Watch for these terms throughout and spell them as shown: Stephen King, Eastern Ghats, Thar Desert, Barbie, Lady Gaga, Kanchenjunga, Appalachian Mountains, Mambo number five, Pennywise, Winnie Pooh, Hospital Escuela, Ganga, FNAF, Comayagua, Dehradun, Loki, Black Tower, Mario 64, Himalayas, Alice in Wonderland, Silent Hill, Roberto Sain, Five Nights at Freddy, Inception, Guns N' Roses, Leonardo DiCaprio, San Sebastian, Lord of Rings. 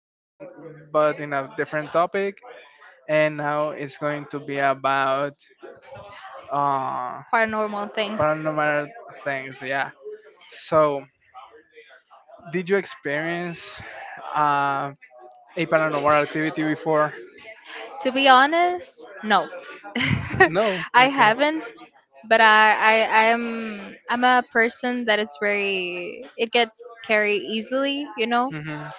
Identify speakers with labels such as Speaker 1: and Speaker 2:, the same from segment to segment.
Speaker 1: talking, but in a different topic. And now it's going to be about uh,
Speaker 2: Paranormal things.
Speaker 1: paranormal things. Yeah. So, did you experience uh, a paranormal activity before?
Speaker 2: To be honest, no.
Speaker 1: No.
Speaker 2: I
Speaker 1: Okay.
Speaker 2: haven't, but I'm a person that it gets scary easily, you know.
Speaker 1: hmm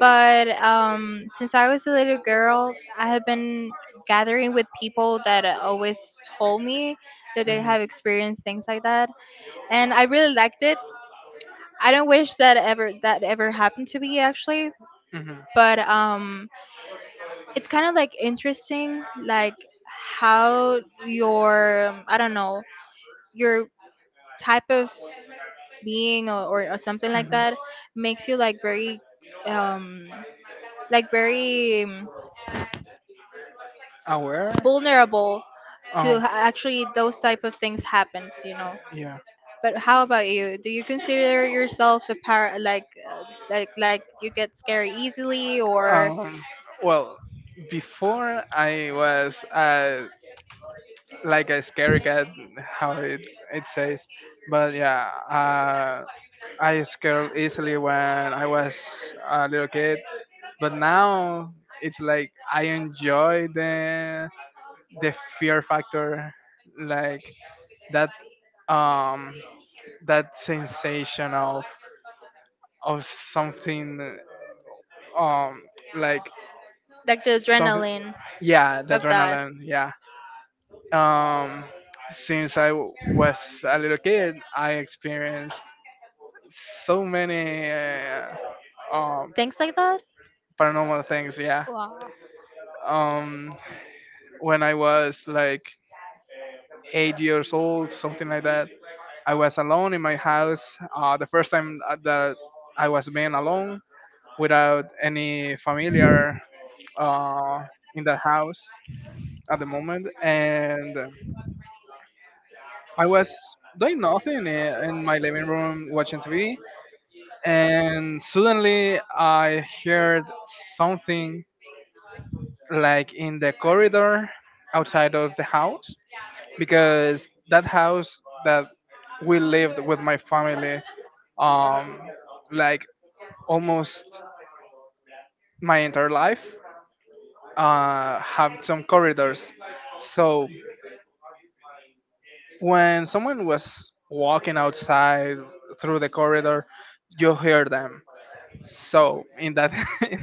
Speaker 2: But since I was a little girl, I have been gathering with people that always told me that they have experienced things like that, and I really liked it. I don't wish that ever happened to me actually, but it's kind of like interesting, like how your I don't know your type of being or something like that makes you like um very
Speaker 1: aware
Speaker 2: vulnerable to
Speaker 1: Um.
Speaker 2: actually those type of things happens, you know.
Speaker 1: yeah
Speaker 2: But how about you, do you consider yourself a par uh, like you get scared easily or
Speaker 1: um, well before I was like a scary cat how it says but yeah I scared easily when I was a little kid but now it's like I enjoy the fear factor, like that um that sensation of something um like
Speaker 2: like the
Speaker 1: some
Speaker 2: adrenaline
Speaker 1: yeah the
Speaker 2: of that,
Speaker 1: adrenaline yeah um since I was a little kid I experienced so many um
Speaker 2: things like that?
Speaker 1: paranormal things yeah
Speaker 2: Wow.
Speaker 1: um when I was like 8 years old something like that I was alone in my house. The first time that I was being alone without any familiar uh, in the house at the moment, and I was doing nothing in my living room watching TV, and suddenly I heard something like in the corridor outside of the house because that house that we lived with my family um like almost my entire life have some corridors. So when someone was walking outside through the corridor, you hear them. So in that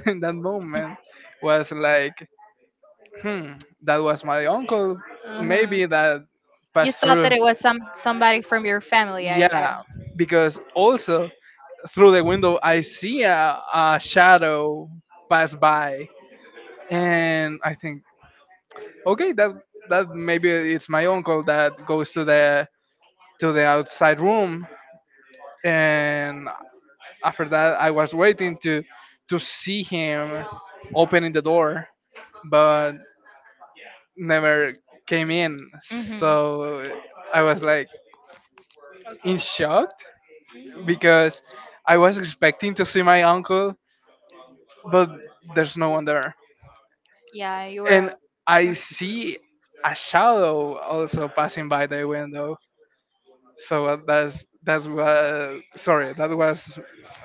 Speaker 1: in that moment was like, hmm, that was my uncle.
Speaker 2: Hmm.
Speaker 1: Maybe that
Speaker 2: You
Speaker 1: passed
Speaker 2: thought
Speaker 1: through.
Speaker 2: that it was somebody from your family I
Speaker 1: Yeah, because also through the window I see a shadow pass by, and I think okay that that maybe it's my uncle that goes to the outside room and after that I was waiting to see him opening the door but never came in
Speaker 2: Hmm.
Speaker 1: so I was like in
Speaker 2: Okay.
Speaker 1: shock
Speaker 2: Hmm.
Speaker 1: because I was expecting to see my uncle but there's no one there
Speaker 2: Yeah, you
Speaker 1: and
Speaker 2: were
Speaker 1: I
Speaker 2: huh.
Speaker 1: see a shadow also passing by the window. So that was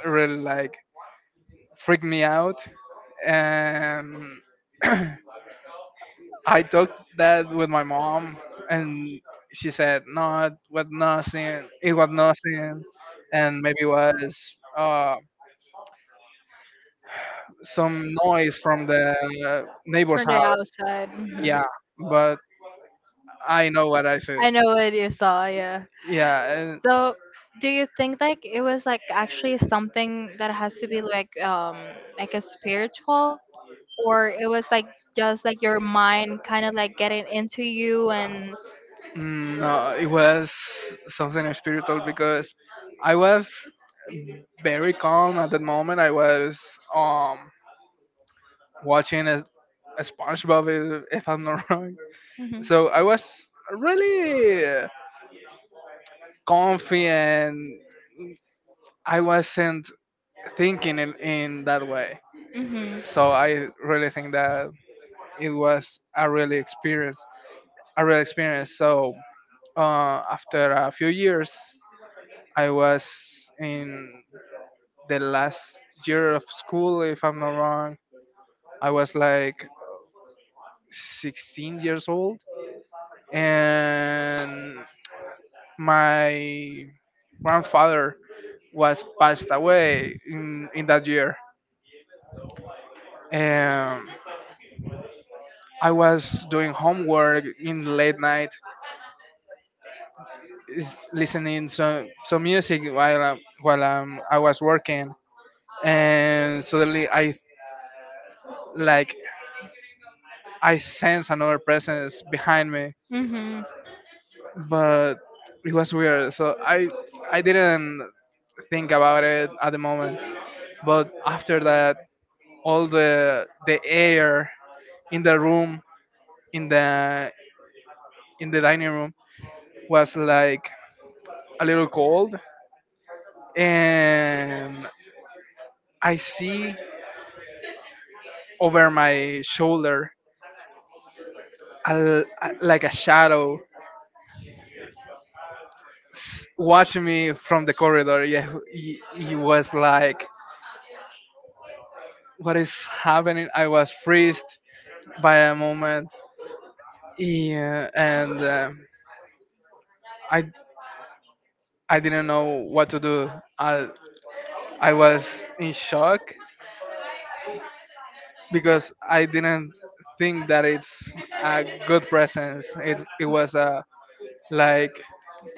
Speaker 1: really like freaked me out, and I talked that with my mom, and she said, "No, it was nothing. It was nothing, and maybe was some noise from the neighbor's
Speaker 2: From the
Speaker 1: house."
Speaker 2: outside. Mhm.
Speaker 1: Yeah, but I know what I said.
Speaker 2: I know what you saw, yeah.
Speaker 1: Yeah, and
Speaker 2: So, do you think like it was like actually something that has to be like a spiritual, or it was like just like your mind kind of like getting into you and
Speaker 1: No, it was something spiritual because I was very calm at that moment. I was um watching a SpongeBob, if I'm not wrong.
Speaker 2: hmm.
Speaker 1: So I was really comfy and I wasn't thinking in that way.
Speaker 2: Hmm.
Speaker 1: So I really think that it was a real experience. So after a few years, I was in the last year of school, if I'm not wrong. I was like 16 years old and my grandfather was passed away in that year. Um, I was doing homework in the late night, is listening some music while I was working, and suddenly I like I sense another presence behind me,
Speaker 2: Hmm.
Speaker 1: but it was weird. So I didn't think about it at the moment, but after that all the air in the room in the in the dining room was like a little cold and I see over my shoulder like a shadow s- watching me from the corridor. Yeah he was like what is happening. I was freezed by a moment yeah, and I I didn't know what to do. I i was in shock because I didn't think that it's a good presence. It was a like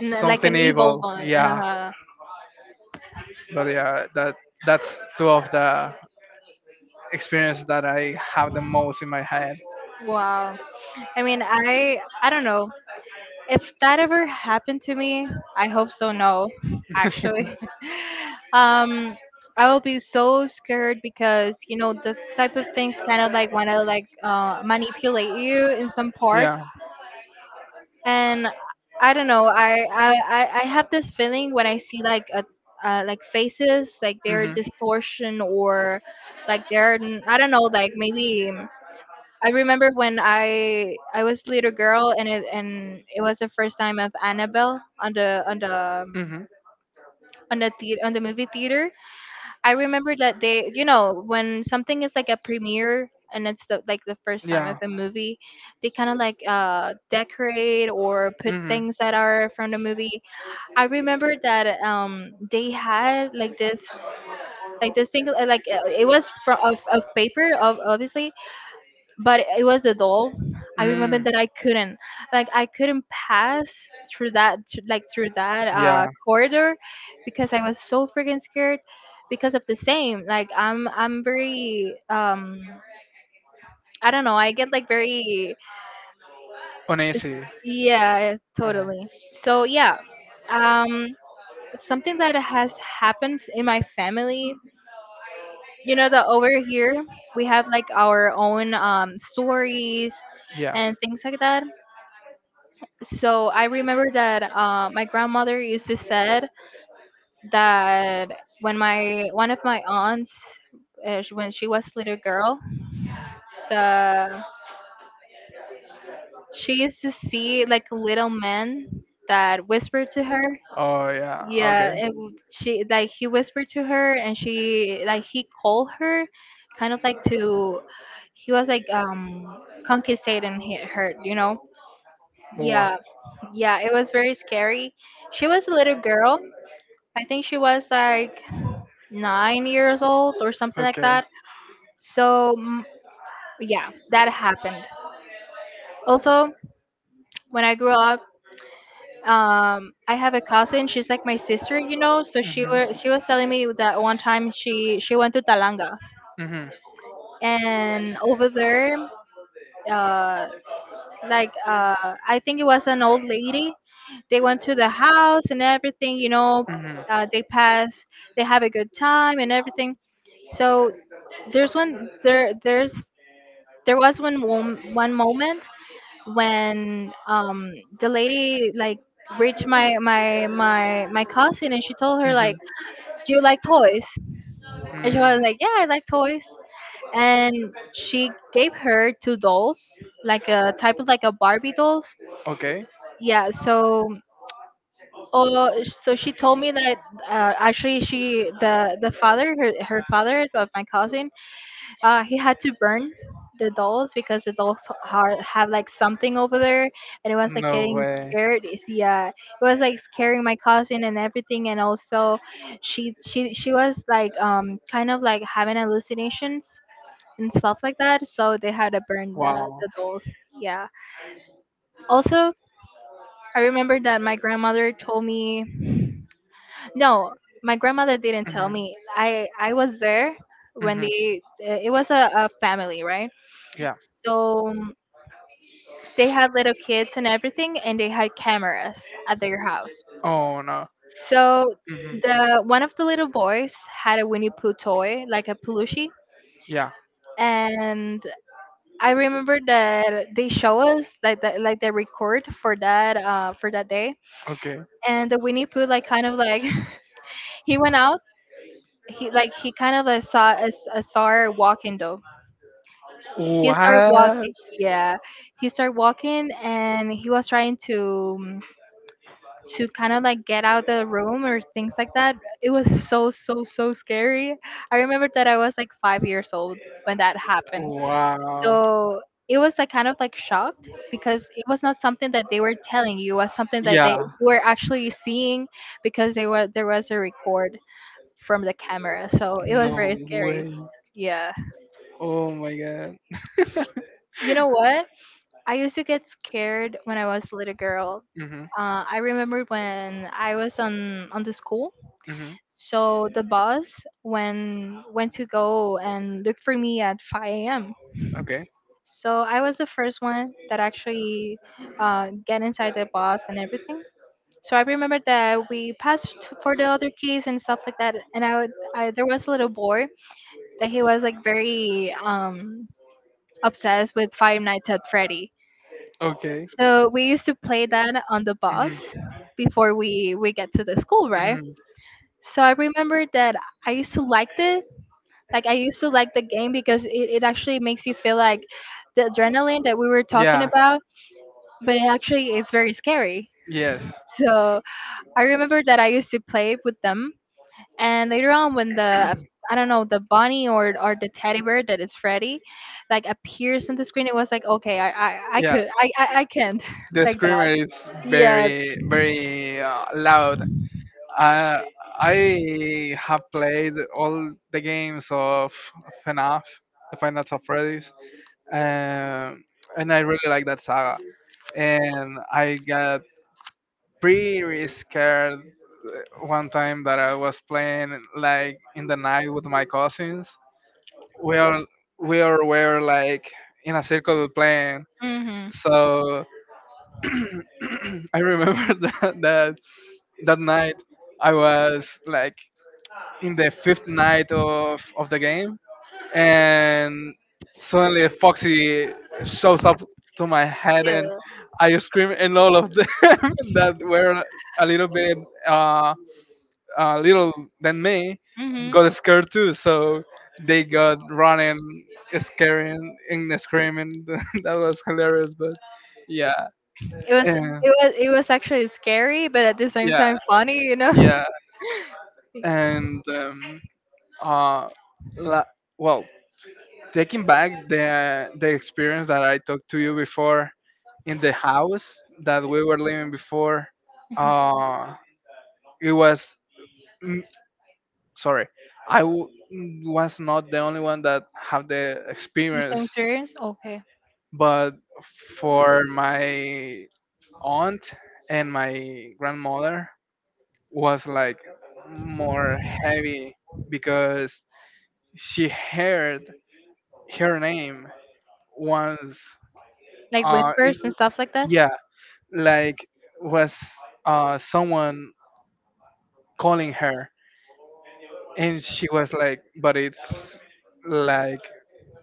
Speaker 2: And then, like an evil
Speaker 1: evil.
Speaker 2: one.
Speaker 1: Yeah,
Speaker 2: Uh-huh.
Speaker 1: but yeah, that that's two of the experience that I have the most in my head.
Speaker 2: Wow. I mean, I don't know if that ever happened to me. I hope so. No, actually, um, I will be so scared, because you know this type of things kind of like want to like manipulate you in some part,
Speaker 1: Yeah.
Speaker 2: and I don't know. I have this feeling when I see like a like faces like their
Speaker 1: Mhm.
Speaker 2: distortion or like they're I don't know like maybe. I remember when I was a little girl and it was the first time of Annabelle on
Speaker 1: Mhm.
Speaker 2: the movie theater. I remember that they, you know, when something is like a premiere and it's like the first time
Speaker 1: Yeah.
Speaker 2: of a movie, they kind of like decorate or put
Speaker 1: hmm
Speaker 2: things that are from the movie. I remember that they had like this thing like it was from of paper, of obviously, but it was the doll. I remember
Speaker 1: Mm.
Speaker 2: that I couldn't, like, I couldn't pass through through that
Speaker 1: Yeah.
Speaker 2: corridor, because I was so freaking scared because of the same. Like, I'm very, I don't know. I get like very, yeah, totally. So yeah, um, something that has happened in my family. You know that over here we have like our own stories and things like that. So I remember that my grandmother used to said that when my one of my aunts, when she was little girl, the she used to see like little men that whispered to her.
Speaker 1: Oh yeah. Yeah,
Speaker 2: Yeah,
Speaker 1: okay.
Speaker 2: and she like he whispered to her, and she like he called her, kind of like to, he was like conquistating her, you know. Yeah,
Speaker 1: What?
Speaker 2: yeah, it was very scary. She was a little girl, I think she was like 9 years old or something like
Speaker 1: Okay.
Speaker 2: that. So mm, yeah, that happened. Also, when I grew up, I have a cousin. She's like my sister, you know. So
Speaker 1: Mhm.
Speaker 2: she was telling me that one time she went to Talanga,
Speaker 1: Mhm.
Speaker 2: and over there, uh, like I think it was an old lady. They went to the house and everything, you know.
Speaker 1: hmm
Speaker 2: They
Speaker 1: hmm
Speaker 2: pass, they have a good time and everything. So there's one there there's There was one moment when the lady like reached my cousin and she told her
Speaker 1: Mm.
Speaker 2: like, "Do you like toys?" And she was like, "Yeah, I like toys." And she gave her two dolls, like a type of like a Barbie dolls.
Speaker 1: Okay.
Speaker 2: Yeah, so oh, so she told me that actually she the father her her father of my cousin he had to burn the dolls because the dolls har have like something over there, and it was like
Speaker 1: No
Speaker 2: getting
Speaker 1: way.
Speaker 2: scared. Is he, it was like scaring my cousin and everything, and also she was like kind of like having hallucinations and stuff like that. So they had to burn
Speaker 1: Wow.
Speaker 2: the dolls. Yeah. Also, I remember that my grandmother told me no. My grandmother didn't tell
Speaker 1: hmm
Speaker 2: me. I was there when
Speaker 1: hmm
Speaker 2: they, it was a family, right?
Speaker 1: Yeah.
Speaker 2: So they had little kids and everything, and they had cameras at their house.
Speaker 1: Oh no.
Speaker 2: So
Speaker 1: hmm
Speaker 2: the one of the little boys had a Winnie Pooh toy, like a plushie,
Speaker 1: Yeah.
Speaker 2: and I remember that they show us like like the record for that day,
Speaker 1: Okay.
Speaker 2: and the Winnie Pooh like kind of like he went out. He like he kind of like, saw a star walking though. He started
Speaker 1: What?
Speaker 2: walking, yeah. He started walking and he was trying to kind of like get out the room or things like that. It was so so so scary. I remember that I was like 5 years old when that happened.
Speaker 1: Wow.
Speaker 2: So it was like kind of like shocked because it was not something that they were telling you, it was something that they
Speaker 1: Yeah.
Speaker 2: were actually seeing because they were there was a record from the camera. So it
Speaker 1: No
Speaker 2: was very
Speaker 1: way.
Speaker 2: scary. Yeah.
Speaker 1: Oh my god.
Speaker 2: You know what? I used to get scared when I was a little girl.
Speaker 1: Mhm.
Speaker 2: I remember when I was on the school.
Speaker 1: Mhm.
Speaker 2: So the boss when went to go and look for me at 5 a.m.
Speaker 1: Okay.
Speaker 2: So I was the first one that actually get inside the bus and everything. So I remember that we passed for the other keys and stuff like that. And I, would, I there was a little boy that he was like very obsessed with Five Nights at Freddy.
Speaker 1: Okay.
Speaker 2: So we used to play that on the
Speaker 1: Mhm.
Speaker 2: bus before we get to the school, right?
Speaker 1: Mhm.
Speaker 2: So I remember that I used to like it. Like I used to like the game because it actually makes you feel like the adrenaline that we were talking
Speaker 1: Yeah.
Speaker 2: about, but it actually is very scary.
Speaker 1: Yes.
Speaker 2: So I remember that I used to play with them, and later on when the I don't know the bunny or the teddy bear that is Freddy, like appears on the screen, it was like okay I
Speaker 1: Yeah.
Speaker 2: could I can't
Speaker 1: The
Speaker 2: like
Speaker 1: screamer
Speaker 2: that.
Speaker 1: is
Speaker 2: Yeah.
Speaker 1: very very loud. Uh, I have played all the games of FNAF, the Final of Freddy's, um, and I really like that saga. And I got pretty scared one time that I was playing like in the night with my cousins. We all we all were like in a circle playing.
Speaker 2: Mhm.
Speaker 1: So I remember that that night I was like in the fifth night of the game, and suddenly a foxy shows up to my head
Speaker 2: Yeah.
Speaker 1: and I scream and all of them that were a little bit uh, little than me
Speaker 2: Mhm.
Speaker 1: got scared too so they got running scaring and screaming that was hilarious but yeah
Speaker 2: it was
Speaker 1: and
Speaker 2: it was it was actually scary, but at the same
Speaker 1: yeah
Speaker 2: time funny, you know.
Speaker 1: yeah and uh la- well taking back the experience that I talked to you before in the house that we were living before. Uh, it was mm, sorry, I w- was not the only one that had the
Speaker 2: The
Speaker 1: experience,
Speaker 2: same series? Okay.
Speaker 1: but for my aunt and my grandmother was like more heavy because she heard her name once
Speaker 2: Like
Speaker 1: uh, in,
Speaker 2: whispers and stuff like that?
Speaker 1: yeah, like was someone calling her and she was like but it's like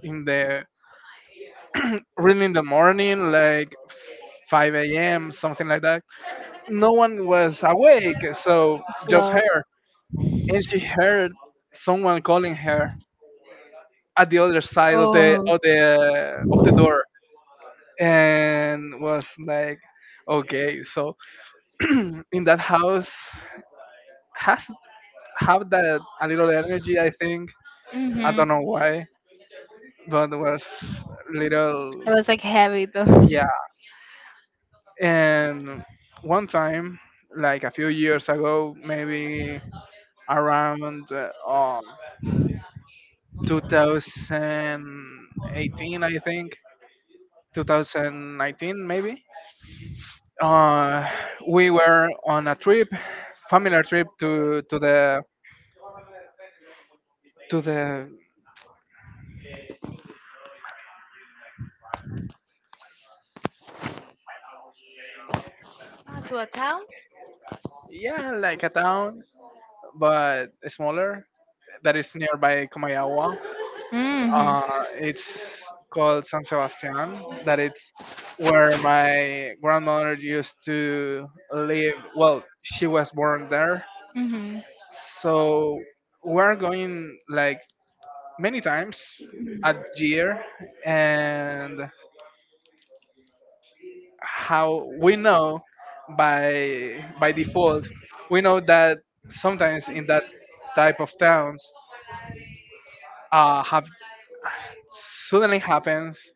Speaker 1: in the really in the morning like 5 a.m something like that no one was awake so just
Speaker 2: So,
Speaker 1: her and she heard someone calling her at the other side of the
Speaker 2: oh.
Speaker 1: of the of the door and was like okay so in that house has have that a little energy. I think I
Speaker 2: Mm-hmm.
Speaker 1: don't know why, but it was little.
Speaker 2: It was like heavy though.
Speaker 1: Yeah. And one time, like a few years ago, maybe around 2018, I think 2019 maybe. Uh, we were on a trip, familiar trip to the
Speaker 2: Ah, to a town?
Speaker 1: yeah like a town but smaller that is nearby Comayagua.
Speaker 2: Mm-hmm.
Speaker 1: It's called San Sebastian. That it's where my grandmother used to live. Well, she was born there,
Speaker 2: Mm-hmm.
Speaker 1: so we're going like many times a year, and how we know by default, we know that sometimes in that type of towns have suddenly happens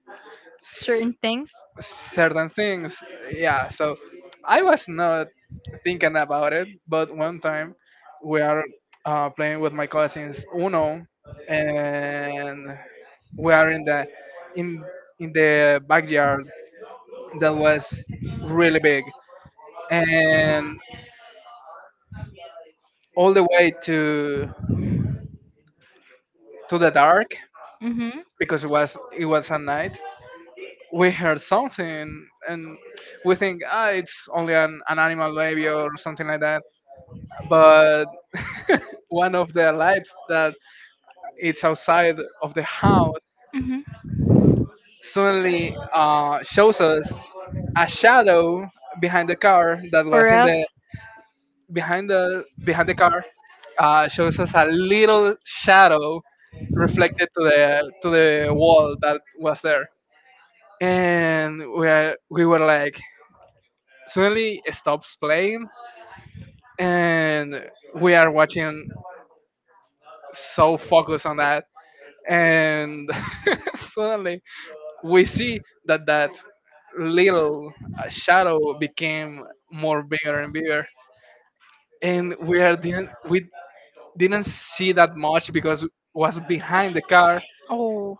Speaker 2: Certain things.
Speaker 1: certain things. Yeah, so I was not thinking about it, but one time we are playing with my cousins Uno, and we are in the in in the backyard that was really big, and all the way to the dark
Speaker 2: Mm-hmm.
Speaker 1: because it was at night. We heard something and we think ah it's only an animal maybe or something like that but one of their lives that it's outside of the house
Speaker 2: Mm-hmm.
Speaker 1: suddenly shows us a shadow behind the car that
Speaker 2: For
Speaker 1: was in
Speaker 2: real.
Speaker 1: the behind the car shows us a little shadow reflected to the wall that was there and we were like suddenly it stops playing and we are watching so focused on that and suddenly we see that that little shadow became more bigger and bigger and we didn't see that much because it was behind the car
Speaker 2: Oh,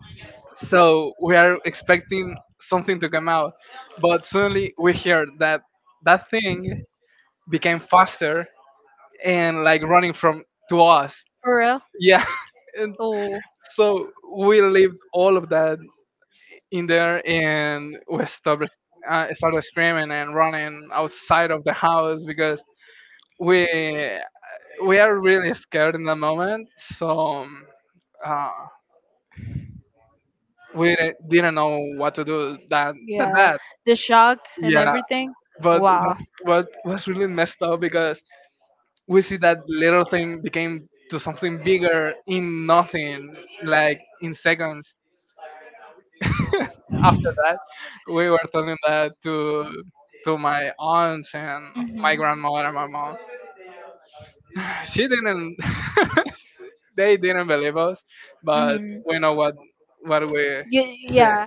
Speaker 1: so we are expecting something to come out but suddenly we hear that that thing became faster and like running from to us
Speaker 2: for real.
Speaker 1: yeah and
Speaker 2: Oh,
Speaker 1: so we lived all of that in there and we started screaming and running outside of the house because we we are really scared in the moment so um, uh, we didn't know what to do
Speaker 2: yeah.
Speaker 1: that.
Speaker 2: The shocked and
Speaker 1: Yeah
Speaker 2: everything.
Speaker 1: but
Speaker 2: Wow.
Speaker 1: what was really messed up because we see that little thing became to something bigger in nothing like in seconds. After that, we were telling that to my aunts and
Speaker 2: Mm-hmm.
Speaker 1: my grandmother and my mom. She didn't. They didn't believe us, but
Speaker 2: Mm-hmm.
Speaker 1: we know what we
Speaker 2: You,
Speaker 1: say.
Speaker 2: yeah.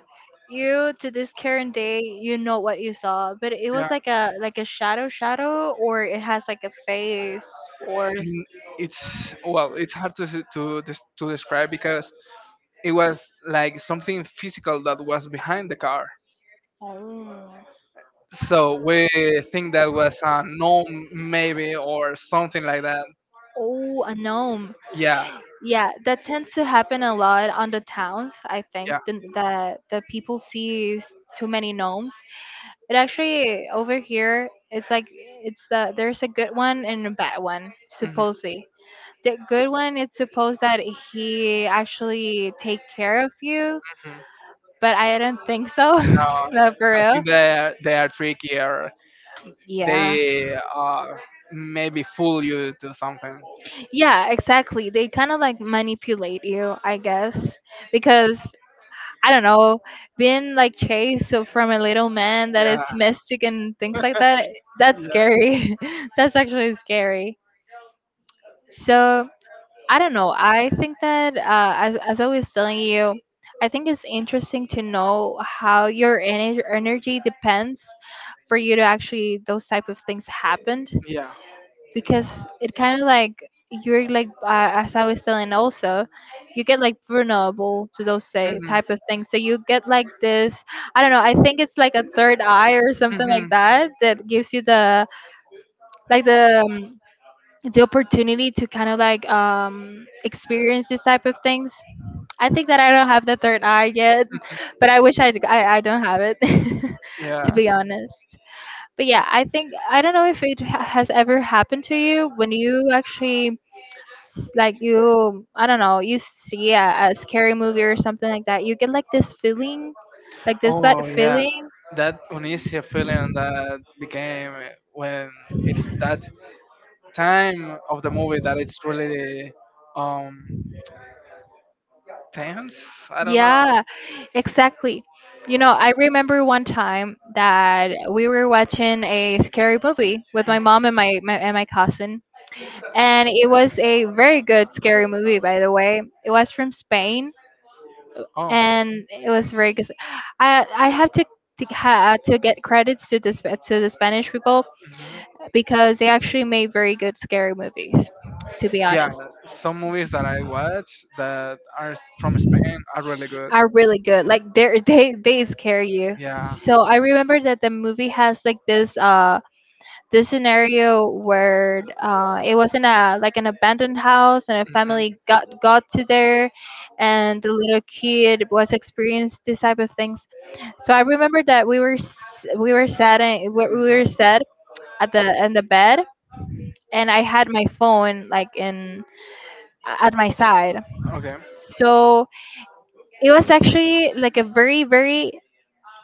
Speaker 2: You to this current day, you know what you saw, but it
Speaker 1: Yeah,
Speaker 2: was like a shadow shadow, or it has like a face, or
Speaker 1: N- it's well, it's hard to describe because it was like something physical that was behind the car.
Speaker 2: oh.
Speaker 1: So we think that was a gnome maybe or something like that.
Speaker 2: Oh, a gnome.
Speaker 1: Yeah,
Speaker 2: Yeah, that tends to happen a lot on the towns. I think
Speaker 1: yeah.
Speaker 2: that the people see too many gnomes. It actually over here, it's like it's the there's a good one and a bad one,
Speaker 1: Mhm.
Speaker 2: supposedly. The good one, it's supposed that he actually take care of you,
Speaker 1: Mhm.
Speaker 2: but I don't think so.
Speaker 1: No,
Speaker 2: No, for
Speaker 1: I
Speaker 2: real.
Speaker 1: think they are trickier.
Speaker 2: Yeah.
Speaker 1: They maybe fool you to something.
Speaker 2: Yeah, exactly. They kind of like manipulate you, I guess, because I don't know, being like chased so from a little man that
Speaker 1: Yeah,
Speaker 2: it's mystic and things like that, that's scary. That's actually scary. So, I don't know. I think that as I was telling you, I think it's interesting to know how your energy depends for you to actually those type of things happened,
Speaker 1: yeah, yeah.
Speaker 2: because it kind of like you're like as I was telling also, you get like vulnerable to those say,
Speaker 1: Mhm.
Speaker 2: type of things. So you get like this. I don't know. I think it's like a third eye or something like
Speaker 1: Mhm.
Speaker 2: that that gives you the like the opportunity to kind of like experience this type of things. I think that I don't have the third eye yet, but I wish I don't have it to
Speaker 1: Yeah.
Speaker 2: be honest. But yeah, I think I don't know if it has ever happened to you when you actually like you I don't know, you see a scary movie or something like that. You get like this feeling, like this bad
Speaker 1: Oh yeah,
Speaker 2: feeling.
Speaker 1: that uneasy feeling that became when it's that time of the movie that it's really um tense. I don't know.
Speaker 2: Yeah, exactly. You know, I remember one time that we were watching a scary movie with
Speaker 1: Mm.
Speaker 2: my mom and my cousin. And it was a very good scary movie, by the way. It was from Spain,
Speaker 1: Oh.
Speaker 2: and it was very good. I have to get credits to this, to the Spanish people,
Speaker 1: hmm
Speaker 2: because they actually made very good scary movies, to be
Speaker 1: Yeah,
Speaker 2: honest.
Speaker 1: some movies that I watch that are from Spain are really good.
Speaker 2: Are really good. Like they they scare you.
Speaker 1: Yeah.
Speaker 2: So I remember that the movie has like this this scenario where it was in a like an abandoned house, and a family got to there, and the little kid was experienced this type of things. So I remember that we were s- we were sat in, we were sat at the bed, and I had my phone like in at my side. So it was actually like a very, very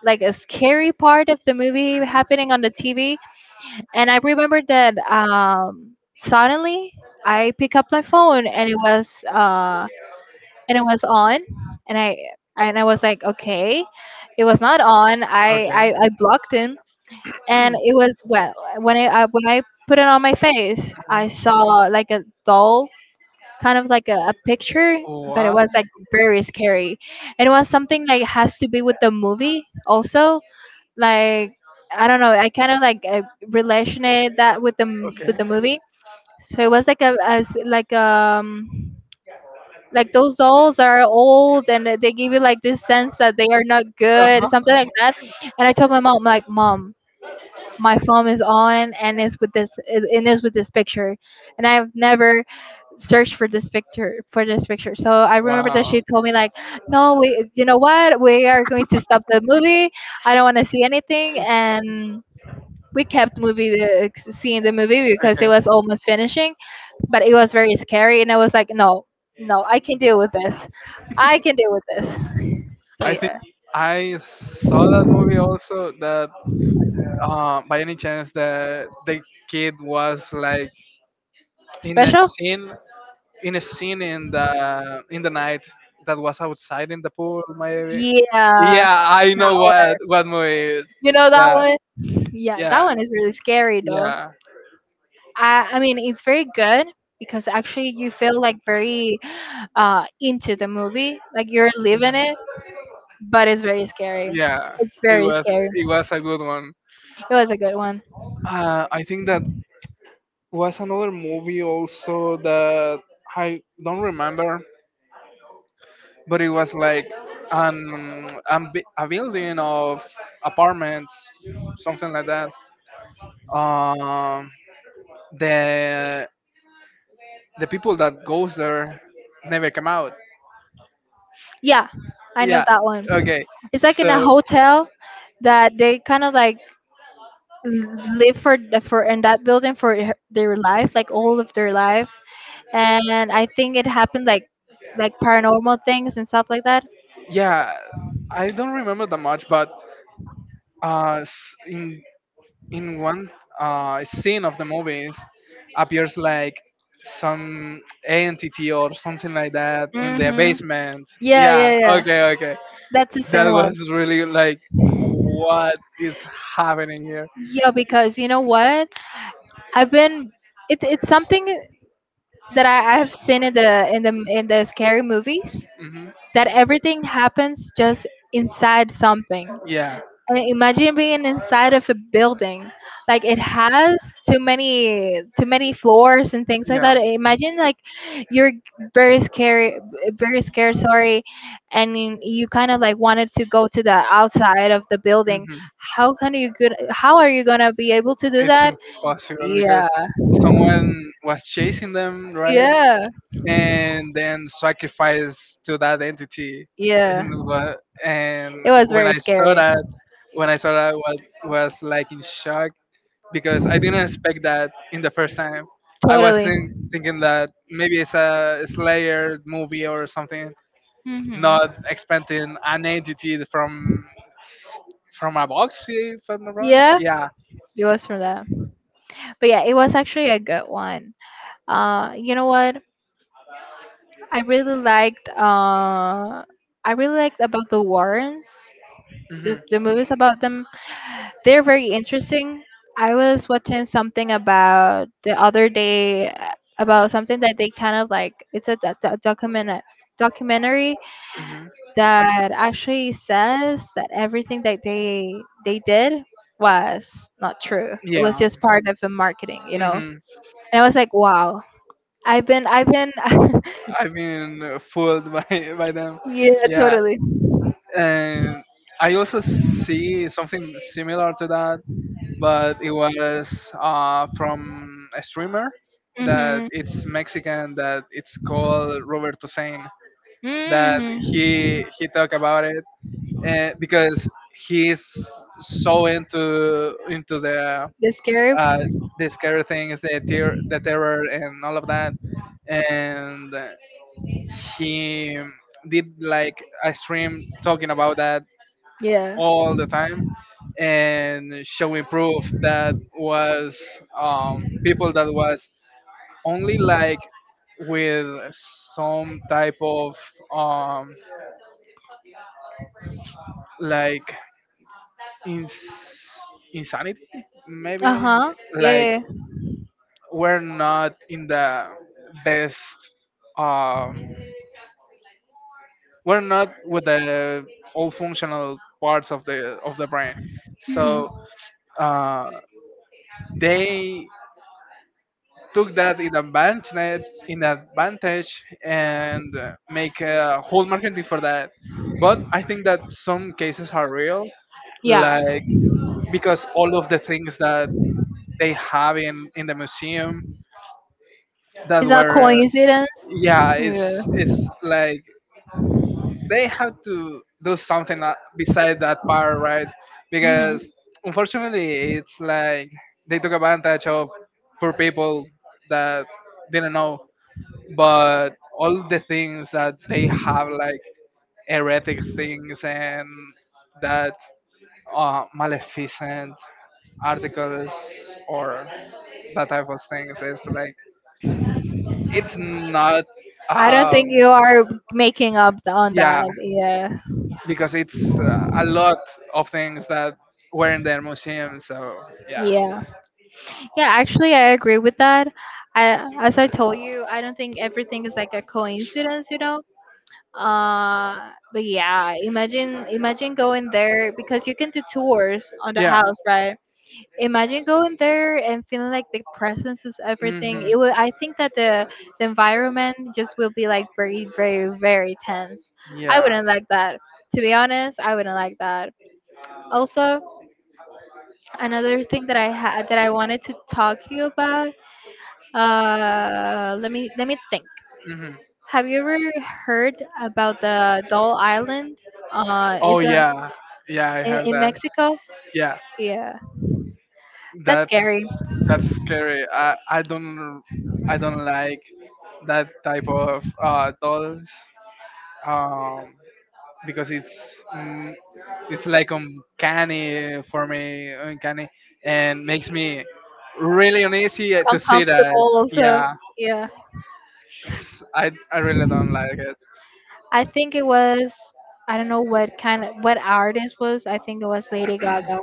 Speaker 2: like a scary part of the movie happening on the TV. And I remember that suddenly I pick up my phone, and it was on. And I and I was like, okay, it was not on. I blocked him, and it was well when I put it on my face, I saw like a doll, kind of like a picture, but it was like very scary. And it was something like has to be with the movie also. Like I don't know, I kind of like relationed that with the with the movie. So it was like a as like those dolls are old and they give you like this sense that they are not good, something like that. And I told my mom like, mom, my phone is on and it's with this, and it's with this picture, and I've never search for this picture for this picture. So I remember that she told me like, no, we you know what, we are going to stop the movie, I don't want to see anything. And we kept seeing the movie because it was almost finishing, but it was very scary, and I was like, no, no, I can deal with this, I can deal with this. So
Speaker 1: I think
Speaker 2: yeah.
Speaker 1: I saw that movie also. That by any chance that the kid was like in a
Speaker 2: Special.
Speaker 1: scene in the night that was outside in the pool maybe.
Speaker 2: Yeah, that
Speaker 1: Yeah I know
Speaker 2: one.
Speaker 1: what movie it is.
Speaker 2: You know that
Speaker 1: Yeah
Speaker 2: one. Yeah, that
Speaker 1: yeah
Speaker 2: one is really scary though.
Speaker 1: yeah
Speaker 2: I mean, it's very good, because actually you feel like very into the movie, like you're living it,
Speaker 1: mhm.
Speaker 2: but it's very scary.
Speaker 1: Yeah
Speaker 2: It's
Speaker 1: it
Speaker 2: very
Speaker 1: was
Speaker 2: scary.
Speaker 1: it was a good one.
Speaker 2: It was a good one.
Speaker 1: I think that was another movie also that I don't remember, but it was like a building of apartments, something like that. Um, the the people that goes there never come out.
Speaker 2: Yeah, I know
Speaker 1: Yeah.
Speaker 2: that one.
Speaker 1: Okay.
Speaker 2: It's like in a
Speaker 1: So
Speaker 2: hotel that they kind of like live for in that building their life, like all of their life. And I think it happened like paranormal things and stuff like that.
Speaker 1: yeah, I don't remember that much, but uh, s- in in one scene of the movies appears like some entity or something like that in the
Speaker 2: Mhm.
Speaker 1: basement.
Speaker 2: Yeah,
Speaker 1: Yeah,
Speaker 2: yeah, yeah.
Speaker 1: okay, okay.
Speaker 2: That's the
Speaker 1: That
Speaker 2: same one.
Speaker 1: was really like what is happening here.
Speaker 2: Yeah, because you know what? I've been It's something that I have seen in the in the scary movies,
Speaker 1: Hmm
Speaker 2: that everything happens just inside something.
Speaker 1: Yeah,
Speaker 2: And imagine being inside of a building. Like it has too many floors and things like that. Imagine like you're very scary, very scared, sorry, and you kind of like wanted to go to the outside of the building.
Speaker 1: yeah.
Speaker 2: How can you good how are you gonna be able to do
Speaker 1: It's
Speaker 2: that?
Speaker 1: impossible because
Speaker 2: Yeah.
Speaker 1: someone was chasing them, right?
Speaker 2: Yeah.
Speaker 1: And then sacrificed to that entity.
Speaker 2: Yeah,
Speaker 1: And wha- and
Speaker 2: it was
Speaker 1: when I
Speaker 2: very
Speaker 1: saw
Speaker 2: scary.
Speaker 1: that, when I saw that, was like in shock because I didn't expect that in the first time. I was
Speaker 2: Totally.
Speaker 1: thinking that maybe it's a Slayer movie or something,
Speaker 2: Hmm.
Speaker 1: not expecting an entity from a box, if I'm not wrong.
Speaker 2: Yeah,
Speaker 1: Yeah.
Speaker 2: it was for that. But yeah, it was actually a good one. You know what? I really liked. I really liked about the Warrens.
Speaker 1: Hmm.
Speaker 2: The movies about them, they're very interesting. I was watching something about the other day, about something that they kind of like, it's a documentary
Speaker 1: Hmm.
Speaker 2: that actually says that everything that they did was not true, it was
Speaker 1: Yeah.
Speaker 2: just part of the marketing, you know.
Speaker 1: Hmm.
Speaker 2: And I was like, wow, I've been
Speaker 1: I've been fooled by by them.
Speaker 2: yeah,
Speaker 1: Yeah,
Speaker 2: totally.
Speaker 1: and I also see something similar to that, but it was from a streamer that
Speaker 2: Mm-hmm.
Speaker 1: it's Mexican that it's called Roberto Sain. That
Speaker 2: Mm-hmm.
Speaker 1: he talk about it, because he's so into the,
Speaker 2: The scarf?
Speaker 1: uh, the scary things, the terror, and all of that, and he did like a stream talking about that
Speaker 2: Yeah.
Speaker 1: all the time and showing proof that was, people that was only like with some type of, um, like ins- insanity,
Speaker 2: Uh
Speaker 1: maybe,
Speaker 2: huh.
Speaker 1: like
Speaker 2: Yeah. Yeah.
Speaker 1: we're not in the best, uh, we're not with the all functional parts of the brain.
Speaker 2: Hmm.
Speaker 1: So, uh, they took that in advantage, and make a whole marketing for that, but I think that some cases are real,
Speaker 2: Yeah.
Speaker 1: like because all of the things that they have in the museum that
Speaker 2: It's not
Speaker 1: were,
Speaker 2: coincidence.
Speaker 1: yeah, it's
Speaker 2: Yeah.
Speaker 1: it's like they have to do something, beside that part, right?
Speaker 2: Hmm.
Speaker 1: Because unfortunately it's like they took advantage of poor people that didn't know, but all the things that they have, like heretic things and that, maleficent articles or that type of things, is like, it's not,
Speaker 2: I don't
Speaker 1: um
Speaker 2: think you are making up on
Speaker 1: yeah,
Speaker 2: that. Yeah.
Speaker 1: because it's, a lot of things that were in their museum. So yeah,
Speaker 2: Yeah. Yeah, actually, I agree with that. As I told you, I don't think everything is like a coincidence, you know. But yeah, imagine going there, because you can do tours on the
Speaker 1: yeah.
Speaker 2: house, right? Imagine going there and feeling like the presence is everything.
Speaker 1: Hmm.
Speaker 2: It will. I think that the environment just will be like very, very, very tense. I
Speaker 1: Yeah.
Speaker 2: wouldn't like that. To be honest, I wouldn't like that. Also, another thing that I had that I wanted to talk to you about. Let me think.
Speaker 1: Hmm.
Speaker 2: Have you ever heard about the Doll Island?
Speaker 1: Oh
Speaker 2: Is a,
Speaker 1: yeah, yeah. I heard
Speaker 2: in
Speaker 1: that.
Speaker 2: Mexico?
Speaker 1: Yeah,
Speaker 2: Yeah, that's
Speaker 1: that's
Speaker 2: scary.
Speaker 1: that's scary. I don't like that type of dolls. Um, because it's like uncanny for me. Uncanny, and makes me really uneasy to see that.
Speaker 2: Uncomfortable also.
Speaker 1: Yeah.
Speaker 2: Yeah.
Speaker 1: I really don't like it.
Speaker 2: I think it was, I don't know what kind of what artist was. I think it was Lady Gaga.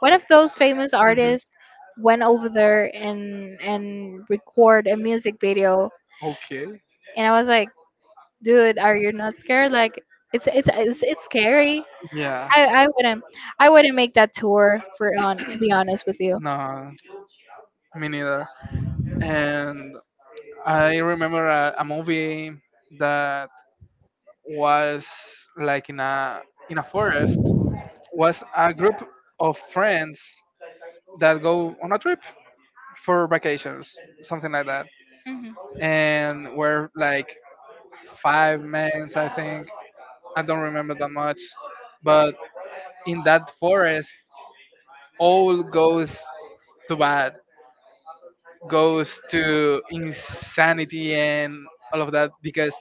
Speaker 2: One of those famous
Speaker 1: Hmm.
Speaker 2: artists went over there and record a music video,
Speaker 1: Okay.
Speaker 2: and I was like, dude, are you not scared? Like it's scary.
Speaker 1: Yeah.
Speaker 2: I wouldn't, I wouldn't make that tour for on, to be honest with you.
Speaker 1: No, me neither. And I remember a movie that was like in a forest. Was a group of friends that go on a trip for vacations, something like that.
Speaker 2: Hmm.
Speaker 1: And we're like five men, I think. I don't remember that much, but in that forest, all goes to bad, goes to insanity and all of that because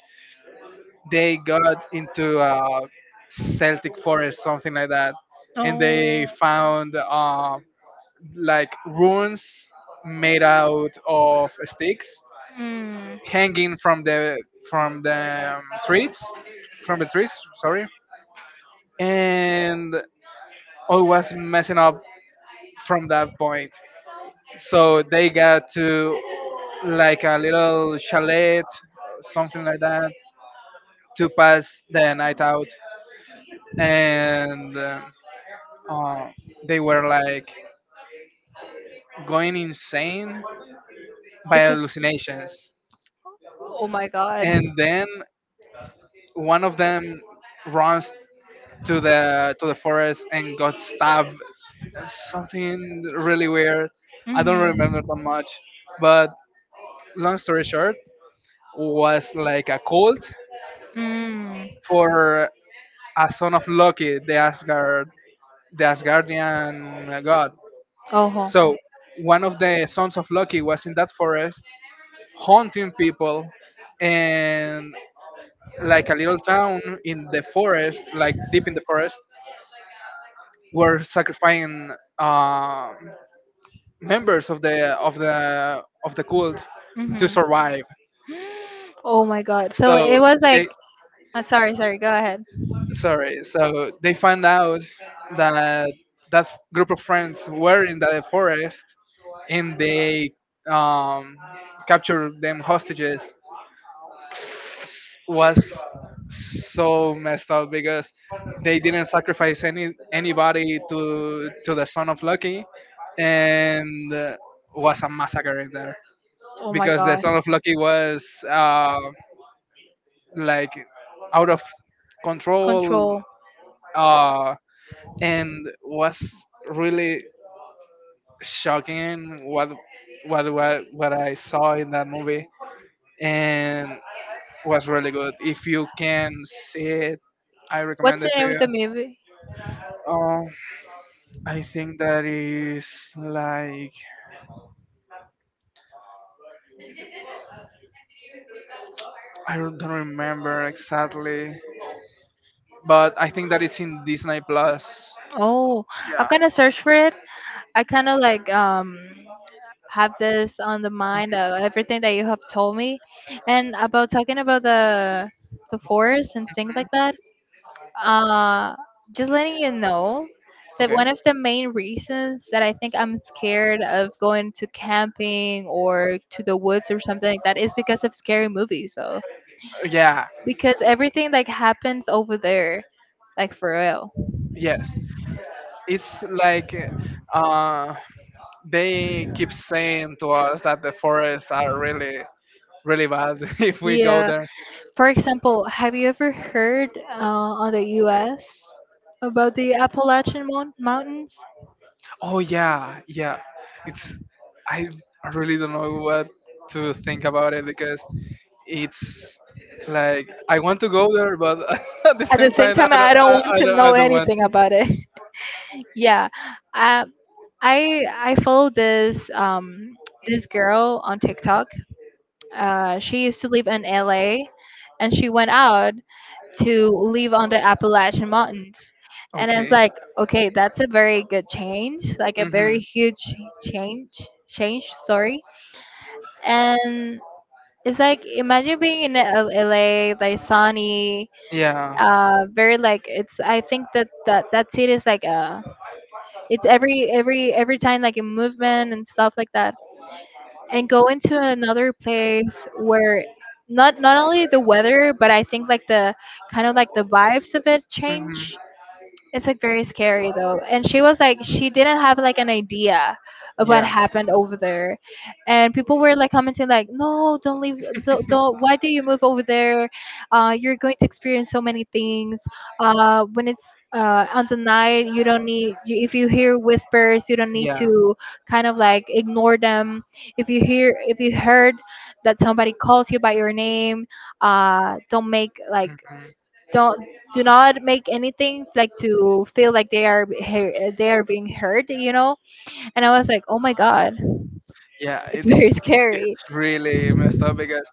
Speaker 1: they got into a Celtic forest, something like that, and
Speaker 2: Oh,
Speaker 1: they found, like runes made out of sticks
Speaker 2: mm.
Speaker 1: hanging from the trees. And I was messing up from that point. So they got to like a little chalet, something like that, to pass the night out, and, uh, they were like going insane by
Speaker 2: Because,
Speaker 1: hallucinations.
Speaker 2: oh my God.
Speaker 1: And then one of them runs to the forest and got stabbed, something really weird. I don't
Speaker 2: Mm-hmm.
Speaker 1: remember that much, but long story short, was like a cult
Speaker 2: Mm.
Speaker 1: for a son of Loki, the Asgard, the Asgardian god.
Speaker 2: Oh.
Speaker 1: So one of the sons of Loki was in that forest haunting people, and like a little town in the forest, like deep in the forest, were sacrificing um members of the of the cult
Speaker 2: Hmm.
Speaker 1: to survive.
Speaker 2: Oh my God. So it
Speaker 1: so
Speaker 2: was like,
Speaker 1: they
Speaker 2: sorry, sorry, go ahead.
Speaker 1: sorry so they find out that that group of friends were in the forest and they, um, captured them hostages. Was so messed up because they didn't sacrifice anybody to the son of lucky, and, was a massacre in there
Speaker 2: Oh my
Speaker 1: because the
Speaker 2: god.
Speaker 1: son of lucky was, like, out of control,
Speaker 2: Control.
Speaker 1: uh, and was really shocking what I saw in that movie, and was really good. If you can see it, I recommend
Speaker 2: What's the
Speaker 1: it to
Speaker 2: name of
Speaker 1: you.
Speaker 2: the movie?
Speaker 1: Oh, I think that is like, I don't remember exactly, but I think that it's in Disney Plus.
Speaker 2: Oh,
Speaker 1: Yeah.
Speaker 2: I'm gonna search for it. I kind of like have this on the mind of everything that you have told me, and about talking about the forest and things
Speaker 1: Mhm.
Speaker 2: like that. Uh, just letting you know that
Speaker 1: Okay.
Speaker 2: one of the main reasons that I think I'm scared of going to camping or to the woods or something like that is because of scary movies, though.
Speaker 1: Yeah,
Speaker 2: Because everything like happens over there, like for real.
Speaker 1: yes, it's like uh they keep saying to us that the forests are really really bad if we go
Speaker 2: Yeah.
Speaker 1: there.
Speaker 2: For example, have you ever heard on the U.S. about the Mountains?
Speaker 1: Oh yeah, yeah. it's I really don't know what to think about it, because it's like I want to go there, but at the
Speaker 2: At the
Speaker 1: same
Speaker 2: same
Speaker 1: time i
Speaker 2: time,
Speaker 1: don't
Speaker 2: I
Speaker 1: i, I, don't, I don't want to.
Speaker 2: yeah, um, I follow this this girl on TikTok. She used to live in LA, and she went out to live on the Appalachian Mountains. And I was
Speaker 1: Okay.
Speaker 2: like, okay, that's a very good change, like a
Speaker 1: Mm-hmm.
Speaker 2: very huge change, change. Sorry. And it's like imagine being in LA, like sunny,
Speaker 1: Yeah.
Speaker 2: very like it's. I think that that city is like it's every time like a movement and stuff like that. And go into another place where not only the weather, but I think like the kind of like the vibes of it
Speaker 1: Mm-hmm.
Speaker 2: change. It's like very scary though. And she was like, she didn't have like an idea of what
Speaker 1: Yeah.
Speaker 2: happened over there. And people were like commenting like, no, don't leave, don't, why do you move over there? You're going to experience so many things. When it's on the night, you don't need, you, if you hear whispers, you don't need
Speaker 1: Yeah.
Speaker 2: to kind of like ignore them. If you hear, if you heard that somebody calls you by your name, uh, don't make like don't, do not make anything like
Speaker 1: Mm-hmm.
Speaker 2: to feel like they are being heard, you know. And I was like, oh my god,
Speaker 1: Yeah,
Speaker 2: it's very
Speaker 1: it's
Speaker 2: scary.
Speaker 1: it's really messed up because,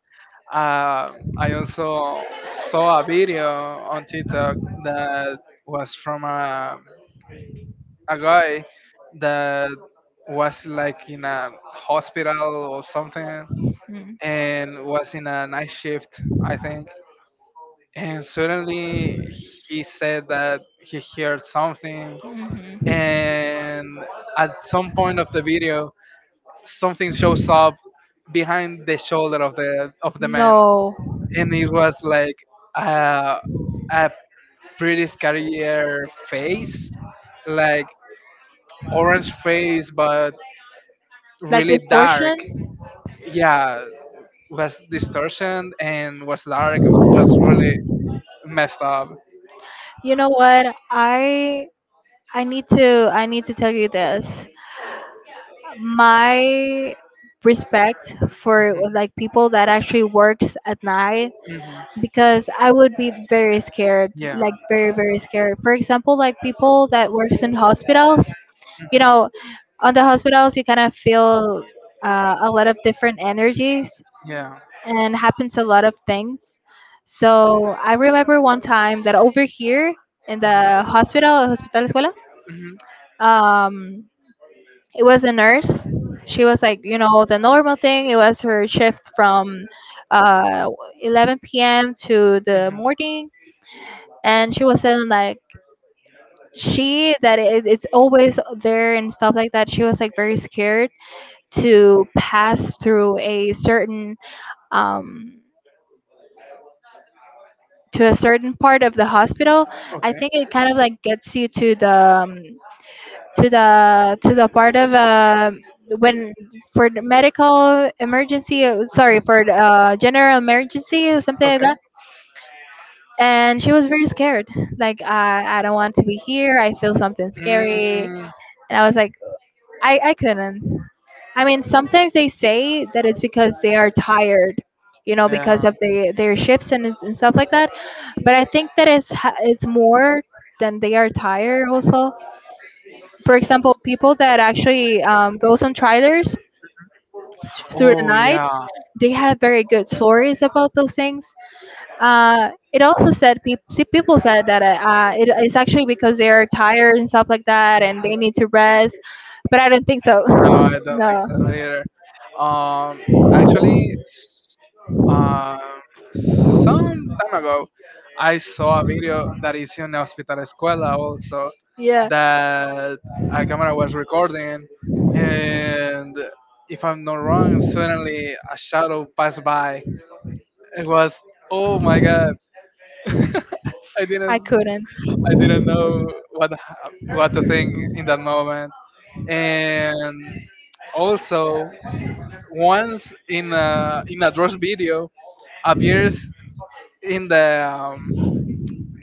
Speaker 1: I also saw a video on TikTok that was from a guy that was like in a hospital or something, and was in a night shift, I think. And suddenly he said that he heard something.
Speaker 2: Mm.
Speaker 1: And at some point of the video, something shows
Speaker 2: Mhm.
Speaker 1: up behind the shoulder of the man,
Speaker 2: No.
Speaker 1: and it was like a, a pretty scarier face, like orange face, but
Speaker 2: Like
Speaker 1: really dark.
Speaker 2: distortion?
Speaker 1: Yeah, was distortion and was dark. Was really messed up.
Speaker 2: You know what? I need to, I need to tell you this. My respect for
Speaker 1: Hmm.
Speaker 2: like people that actually works at night,
Speaker 1: Hmm.
Speaker 2: because I would be very scared,
Speaker 1: Yeah.
Speaker 2: like very very scared. For example, like people that works in hospitals, you
Speaker 1: Hmm.
Speaker 2: know, on the hospitals you kind of feel a lot of different energies,
Speaker 1: Yeah.
Speaker 2: and happens a lot of things. So I remember one time that over here in the hospital escuela,
Speaker 1: Hmm.
Speaker 2: um, it was a nurse. She was like, you know, the normal thing, it was her shift from uh, 11 p.m to the
Speaker 1: Mhm.
Speaker 2: morning. And she was saying like, she that it, it's always there and stuff like that. She was like very scared to pass through a certain um, to a certain part of the hospital. I
Speaker 1: Okay.
Speaker 2: think it kind of like gets you to the part of when for the medical emergency, sorry,
Speaker 1: Mhm.
Speaker 2: for the, general emergency or something like
Speaker 1: Okay.
Speaker 2: that. And she was very scared, like, I don't want to be here, I feel something scary.
Speaker 1: Mm.
Speaker 2: And I was like, I couldn't. I mean, sometimes they say that it's because they are tired, you know, because
Speaker 1: Yeah.
Speaker 2: of their shifts and stuff like that. But I think that it's more than they are tired also. For example, people that actually goes on trailers through the
Speaker 1: Oh
Speaker 2: night,
Speaker 1: yeah.
Speaker 2: they have very good stories about those things. It also said people said that it is actually because they are tired and stuff like that, and they need to rest. But I don't think so.
Speaker 1: No, I don't think so
Speaker 2: No.
Speaker 1: either. Um, actually, um, some time ago, I saw a video that is in Hospital Escuela also,
Speaker 2: Yeah.
Speaker 1: that a camera was recording, and, if I'm not wrong, suddenly a shadow passed by. It was, oh my god, I didn't.
Speaker 2: I couldn't.
Speaker 1: I didn't know what to think in that moment. And also, once in a Dross video, appears in the um,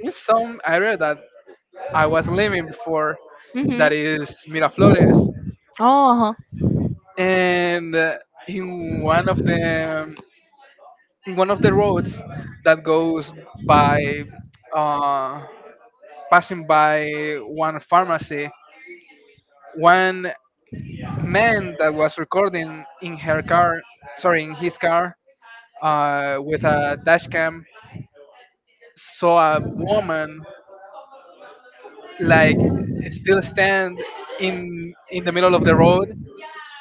Speaker 1: in some area that I was living before,
Speaker 2: Mhm.
Speaker 1: that is Miraflores,
Speaker 2: Oh, uh-huh.
Speaker 1: and, in one of the in one of the roads that goes by, uh, passing by one pharmacy, one man that was recording in his car, with a dash cam, saw a woman like still stand in the middle of the road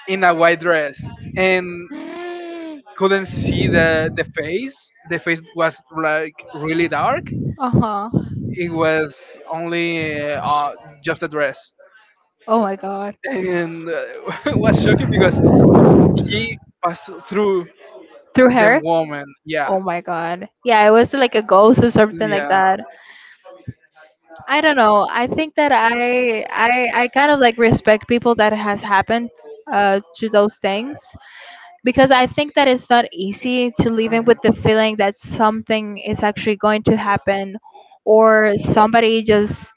Speaker 1: in a white dress, and
Speaker 2: Mm,
Speaker 1: couldn't see the face. The face was like really dark.
Speaker 2: uh-huh.
Speaker 1: It was only, just a dress,
Speaker 2: Oh my god.
Speaker 1: and, it was shocking because he passed through
Speaker 2: Through
Speaker 1: the
Speaker 2: her?
Speaker 1: woman. Yeah,
Speaker 2: Oh my god. Yeah, it was like a ghost or something like
Speaker 1: yeah.
Speaker 2: that. I don't know. I think that I kind of like respect people that has happened to those things because I think that it's not easy to living
Speaker 1: Hmm.
Speaker 2: with the feeling that something is actually going to happen or somebody just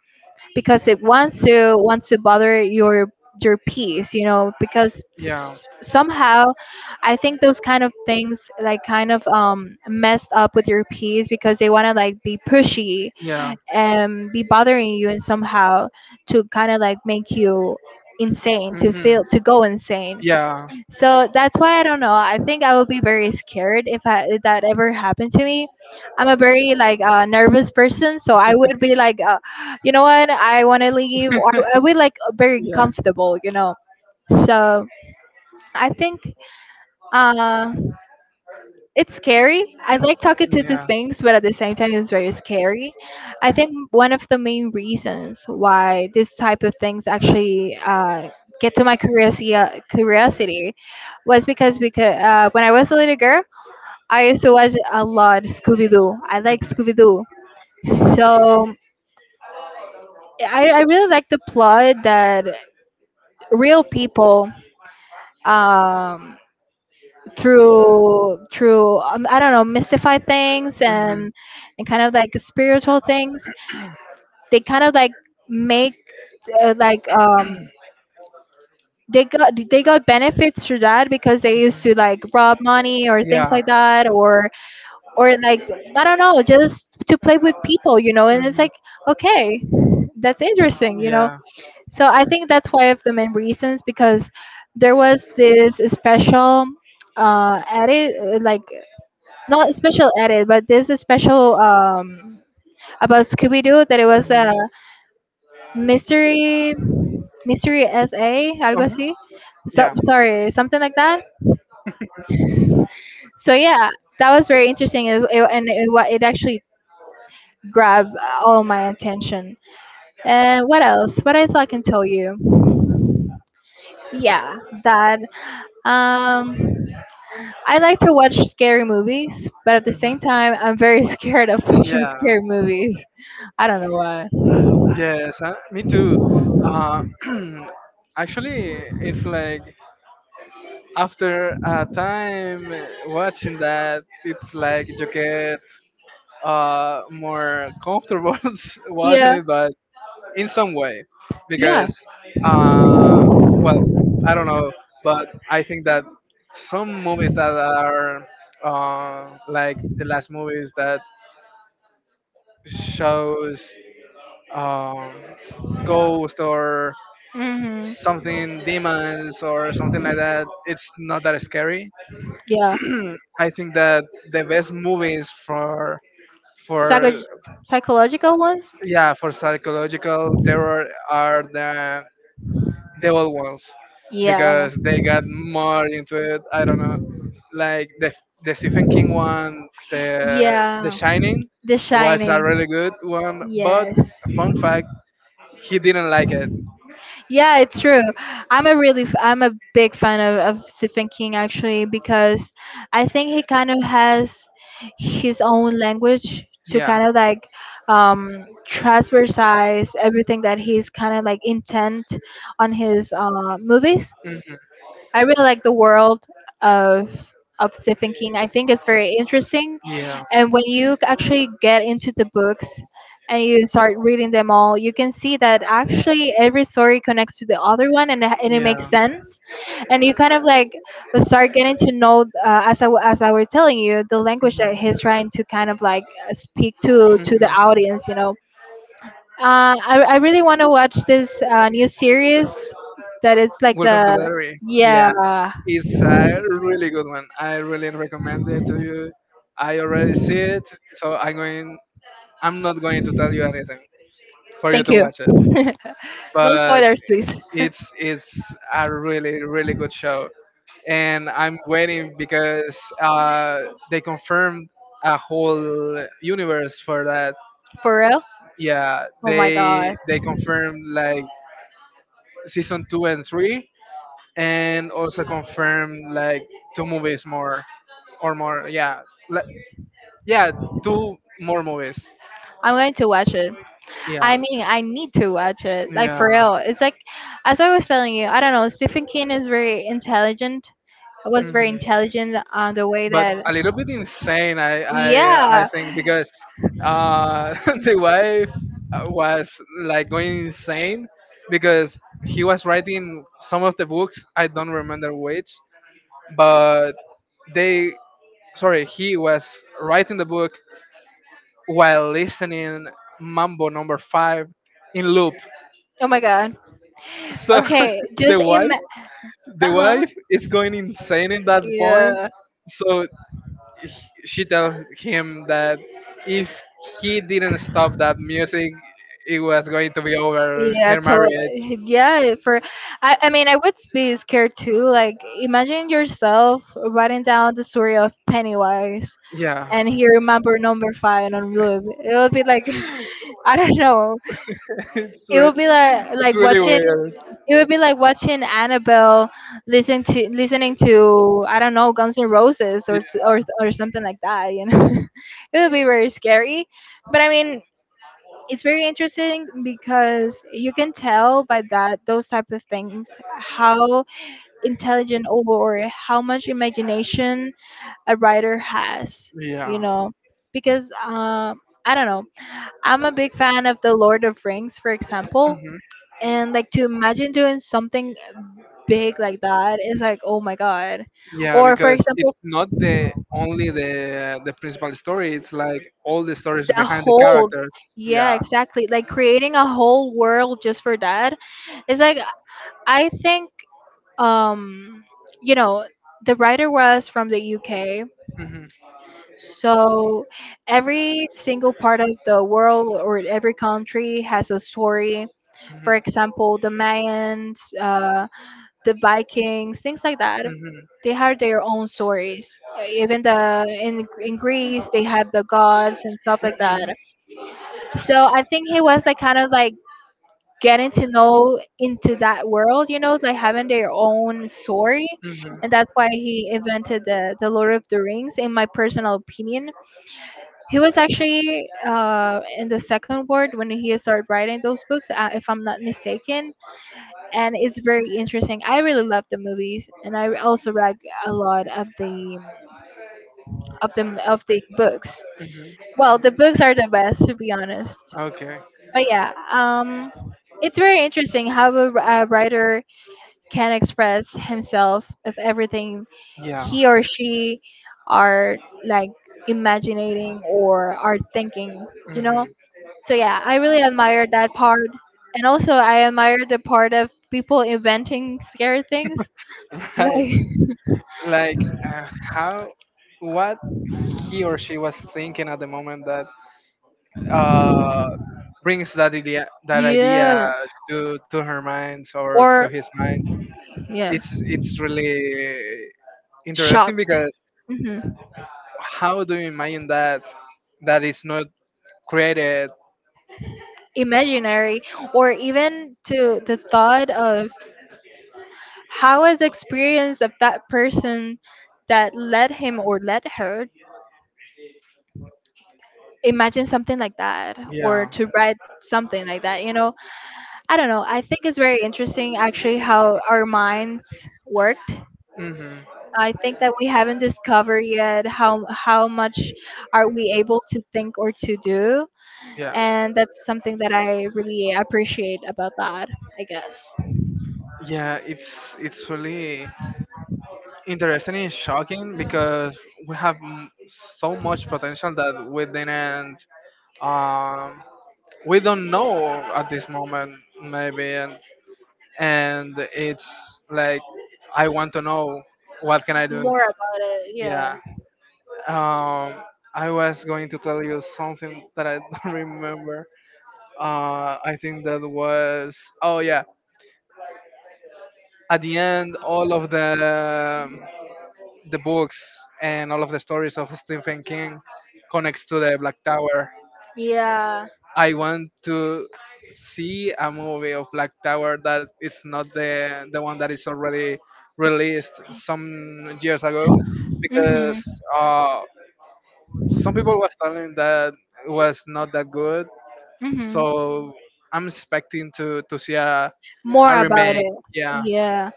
Speaker 2: because it wants to bother your peace, you know, because
Speaker 1: Yeah.
Speaker 2: somehow I think those kind of things like kind of messed up with your peace because they want to like be pushy
Speaker 1: Yeah.
Speaker 2: and be bothering you, and somehow to kind of like make you insane to
Speaker 1: Hmm.
Speaker 2: feel to go insane.
Speaker 1: Yeah.
Speaker 2: So that's why I don't know. I think I will be very scared if if that ever happened to me. I'm a very like nervous person, so I would be like, you know what, I want to leave, or I would like very
Speaker 1: Yeah.
Speaker 2: comfortable, you know. So I think uh, it's scary. I like talking to these
Speaker 1: Yeah.
Speaker 2: things, but at the same time, it's very scary. I think one of the main reasons why this type of things actually get to my curiosity curiosity was because when I was a little girl, I used to watch a lot Scooby Doo. I like Scooby Doo, so I really like the plot that real people, um, through, I don't know, mystify things
Speaker 1: Mhm. Mhm.
Speaker 2: and kind of like spiritual things. They kind of like make uh, like um they got benefits through that because they used to like rob money or things like that, or like I don't know, just to play with people, you know, and it's like okay, that's interesting, you know. So I think that's why of the main reasons, because there was this special edit like not special edit, but this is special about Scooby Doo that it was a mystery mystery SA algo así.
Speaker 1: Uh-huh.
Speaker 2: So,
Speaker 1: Yeah.
Speaker 2: sorry, something like that. So yeah, that was very interesting. It, and it, wa- it actually grabbed all my attention. And what else? What else I can tell you? Yeah, that, um I like to watch scary movies, but at the same
Speaker 1: Mhm.
Speaker 2: time, I'm very scared of watching
Speaker 1: Yeah.
Speaker 2: scary movies. I don't know why.
Speaker 1: Yes. Me too. Uh, actually, it's like after a time, watching that, it's like you get more comfortable watching
Speaker 2: Yeah.
Speaker 1: it, but in some way,
Speaker 2: Yeah.
Speaker 1: because, uh, well, I don't know, but I think that some movies that are, like the last movies that shows, um, ghosts or
Speaker 2: Hmm.
Speaker 1: something, demons or something like that, it's not that scary.
Speaker 2: Yeah.
Speaker 1: I think that the best movies for for
Speaker 2: Psycho- psychological ones?
Speaker 1: yeah for psychological terror are the old ones
Speaker 2: Yeah.
Speaker 1: because they got more into it. I don't know, like the Stephen King one, the
Speaker 2: Yeah.
Speaker 1: Shining,
Speaker 2: The
Speaker 1: was a
Speaker 2: Shining.
Speaker 1: really good one, but
Speaker 2: Yes.
Speaker 1: fun fact, he didn't like it.
Speaker 2: Yeah, it's true. I'm a really f- I'm a big fan of Stephen King actually because I think he kind of has his own language to
Speaker 1: Yeah.
Speaker 2: kind of like um transversize everything that he's kind of like intent on his movies.
Speaker 1: Hmm.
Speaker 2: I really like the world of Stephen King. I think it's very interesting,
Speaker 1: Yeah,
Speaker 2: and when you actually get into the books and you start reading them all, you can see that actually every story connects to the other one, and and it makes
Speaker 1: yeah.
Speaker 2: sense, and you kind of like start getting to know as I as I were telling you the language that
Speaker 1: Hmm.
Speaker 2: he's trying to kind of like speak to the
Speaker 1: Hmm.
Speaker 2: audience, you know. I really want to watch this new series that it's like
Speaker 1: Welcome to the
Speaker 2: the
Speaker 1: Diary.
Speaker 2: yeah.
Speaker 1: Yeah, it's a really good one. I really recommend it to you. I already see it, so I'm going. I'm not going to tell you anything, for you
Speaker 2: Thank
Speaker 1: to
Speaker 2: you.
Speaker 1: watch it.
Speaker 2: No
Speaker 1: But
Speaker 2: spoilers, please.
Speaker 1: it's a really really good show, and I'm waiting because, they confirmed a whole universe for that.
Speaker 2: For real?
Speaker 1: Yeah,
Speaker 2: Oh my god.
Speaker 1: they confirmed like season two and three, and also confirm like two movies more, or more. Yeah, like, yeah, two more movies.
Speaker 2: I'm going to watch it. I
Speaker 1: Yeah,
Speaker 2: mean, I need to watch it. Like for
Speaker 1: yeah.
Speaker 2: real. It's like as I was telling you, I don't know, Stephen King is very intelligent. Was very
Speaker 1: Hmm.
Speaker 2: intelligent on the way
Speaker 1: But
Speaker 2: that
Speaker 1: a little bit insane, I
Speaker 2: yeah.
Speaker 1: think, because uh the wife was like going insane because he was writing some of the books. I don't remember which, but they sorry he was writing the book while listening Mambo No. 5 in loop.
Speaker 2: Oh my god.
Speaker 1: So
Speaker 2: Okay,
Speaker 1: the
Speaker 2: just im.
Speaker 1: wife, the
Speaker 2: Uh huh.
Speaker 1: wife is going insane at that point.
Speaker 2: Yeah.
Speaker 1: So she tells him that if he didn't stop that music, it was going to be over
Speaker 2: Yeah,
Speaker 1: her marriage.
Speaker 2: totally. Yeah, for I mean, I would be scared too. Like, imagine yourself writing down the story of Pennywise,
Speaker 1: Yeah,
Speaker 2: and he remember number five on loop. It would be like I don't know.
Speaker 1: it's
Speaker 2: It
Speaker 1: really,
Speaker 2: would be like
Speaker 1: it's really
Speaker 2: watching,
Speaker 1: weird.
Speaker 2: it would be like watching Annabelle, listening to I don't know, Guns N' Roses
Speaker 1: Y-
Speaker 2: or or something like that. You know, it would be very scary. But I mean, it's very interesting because you can tell by that those type of things how intelligent or how much imagination a writer has. You
Speaker 1: Yeah.
Speaker 2: know, because I don't know. I'm a big fan of the Lord of Rings, for example,
Speaker 1: Mm-hmm.
Speaker 2: and like to imagine doing something big like that, it's like oh my god,
Speaker 1: Yeah,
Speaker 2: or for
Speaker 1: because it's
Speaker 2: example
Speaker 1: not the only, the principal story. It's like all the stories
Speaker 2: the
Speaker 1: behind the
Speaker 2: whole
Speaker 1: characters.
Speaker 2: yeah
Speaker 1: Yeah.
Speaker 2: exactly, like creating a whole world just for that, it's like I think, um you know, the writer was from the UK,
Speaker 1: Hmm.
Speaker 2: so every single part of the world or every country has a story.
Speaker 1: Hmm.
Speaker 2: For example, the Mayans, the Vikings, things like that.
Speaker 1: Hmm.
Speaker 2: They had their own stories. Even the in Greece, they had the gods and stuff like that. So I think he was like kind of like getting to know into that
Speaker 1: Hmm.
Speaker 2: world, you know, like having their own story,
Speaker 1: Hmm.
Speaker 2: and that's why he invented the Lord of the Rings. In my personal opinion, he was actually in the second world when he started writing those books, if I'm not mistaken, and it's very interesting. I really love the movies, and I also like a lot of the of the books. Well, the books are the best, to be honest.
Speaker 1: Okay.
Speaker 2: But yeah, it's very interesting how a writer can express himself of everything
Speaker 1: Yeah.
Speaker 2: he or she are like imagining or are thinking. You know.
Speaker 1: Hmm.
Speaker 2: So yeah, I really admire that part, and also I admire the part of people inventing scary things.
Speaker 1: Right.
Speaker 2: Like
Speaker 1: Like, how, what he or she was thinking at the moment that, uh, brings that idea
Speaker 2: yeah,
Speaker 1: to her mind, or to
Speaker 2: or
Speaker 1: his mind.
Speaker 2: yes,
Speaker 1: It's really interesting
Speaker 2: shocked.
Speaker 1: because,
Speaker 2: Hmm.
Speaker 1: how do you imagine that that is not created?
Speaker 2: Imaginary, or even to the thought of how is the experience of that person that led him or led her imagine something like that or
Speaker 1: Yeah.
Speaker 2: to write something like that, you know. I don't know, I think it's very interesting actually how our minds work.
Speaker 1: Hmm.
Speaker 2: I think that we haven't discovered yet how much are we able to think or to do,
Speaker 1: Yeah.
Speaker 2: and that's something that I really appreciate about that. I guess
Speaker 1: Yeah. It's really interesting and shocking because we have so much potential that um we don't know at this moment, maybe, and it's like I want to know what can I do.
Speaker 2: more about it.
Speaker 1: Yeah.
Speaker 2: Yeah.
Speaker 1: Um, I was going to tell you something that I don't remember. I think that was, oh yeah. At the end, all of um, the books and all of the stories of Stephen King connects to the Black Tower.
Speaker 2: Yeah.
Speaker 1: I want to see a movie of Black Tower that is not the one that is already released some years ago, because,
Speaker 2: Mhm.
Speaker 1: uh, some people was telling that it was not that good.
Speaker 2: Mhm.
Speaker 1: So I'm expecting to see a
Speaker 2: More about
Speaker 1: remake.
Speaker 2: it.
Speaker 1: Yeah.
Speaker 2: Yeah.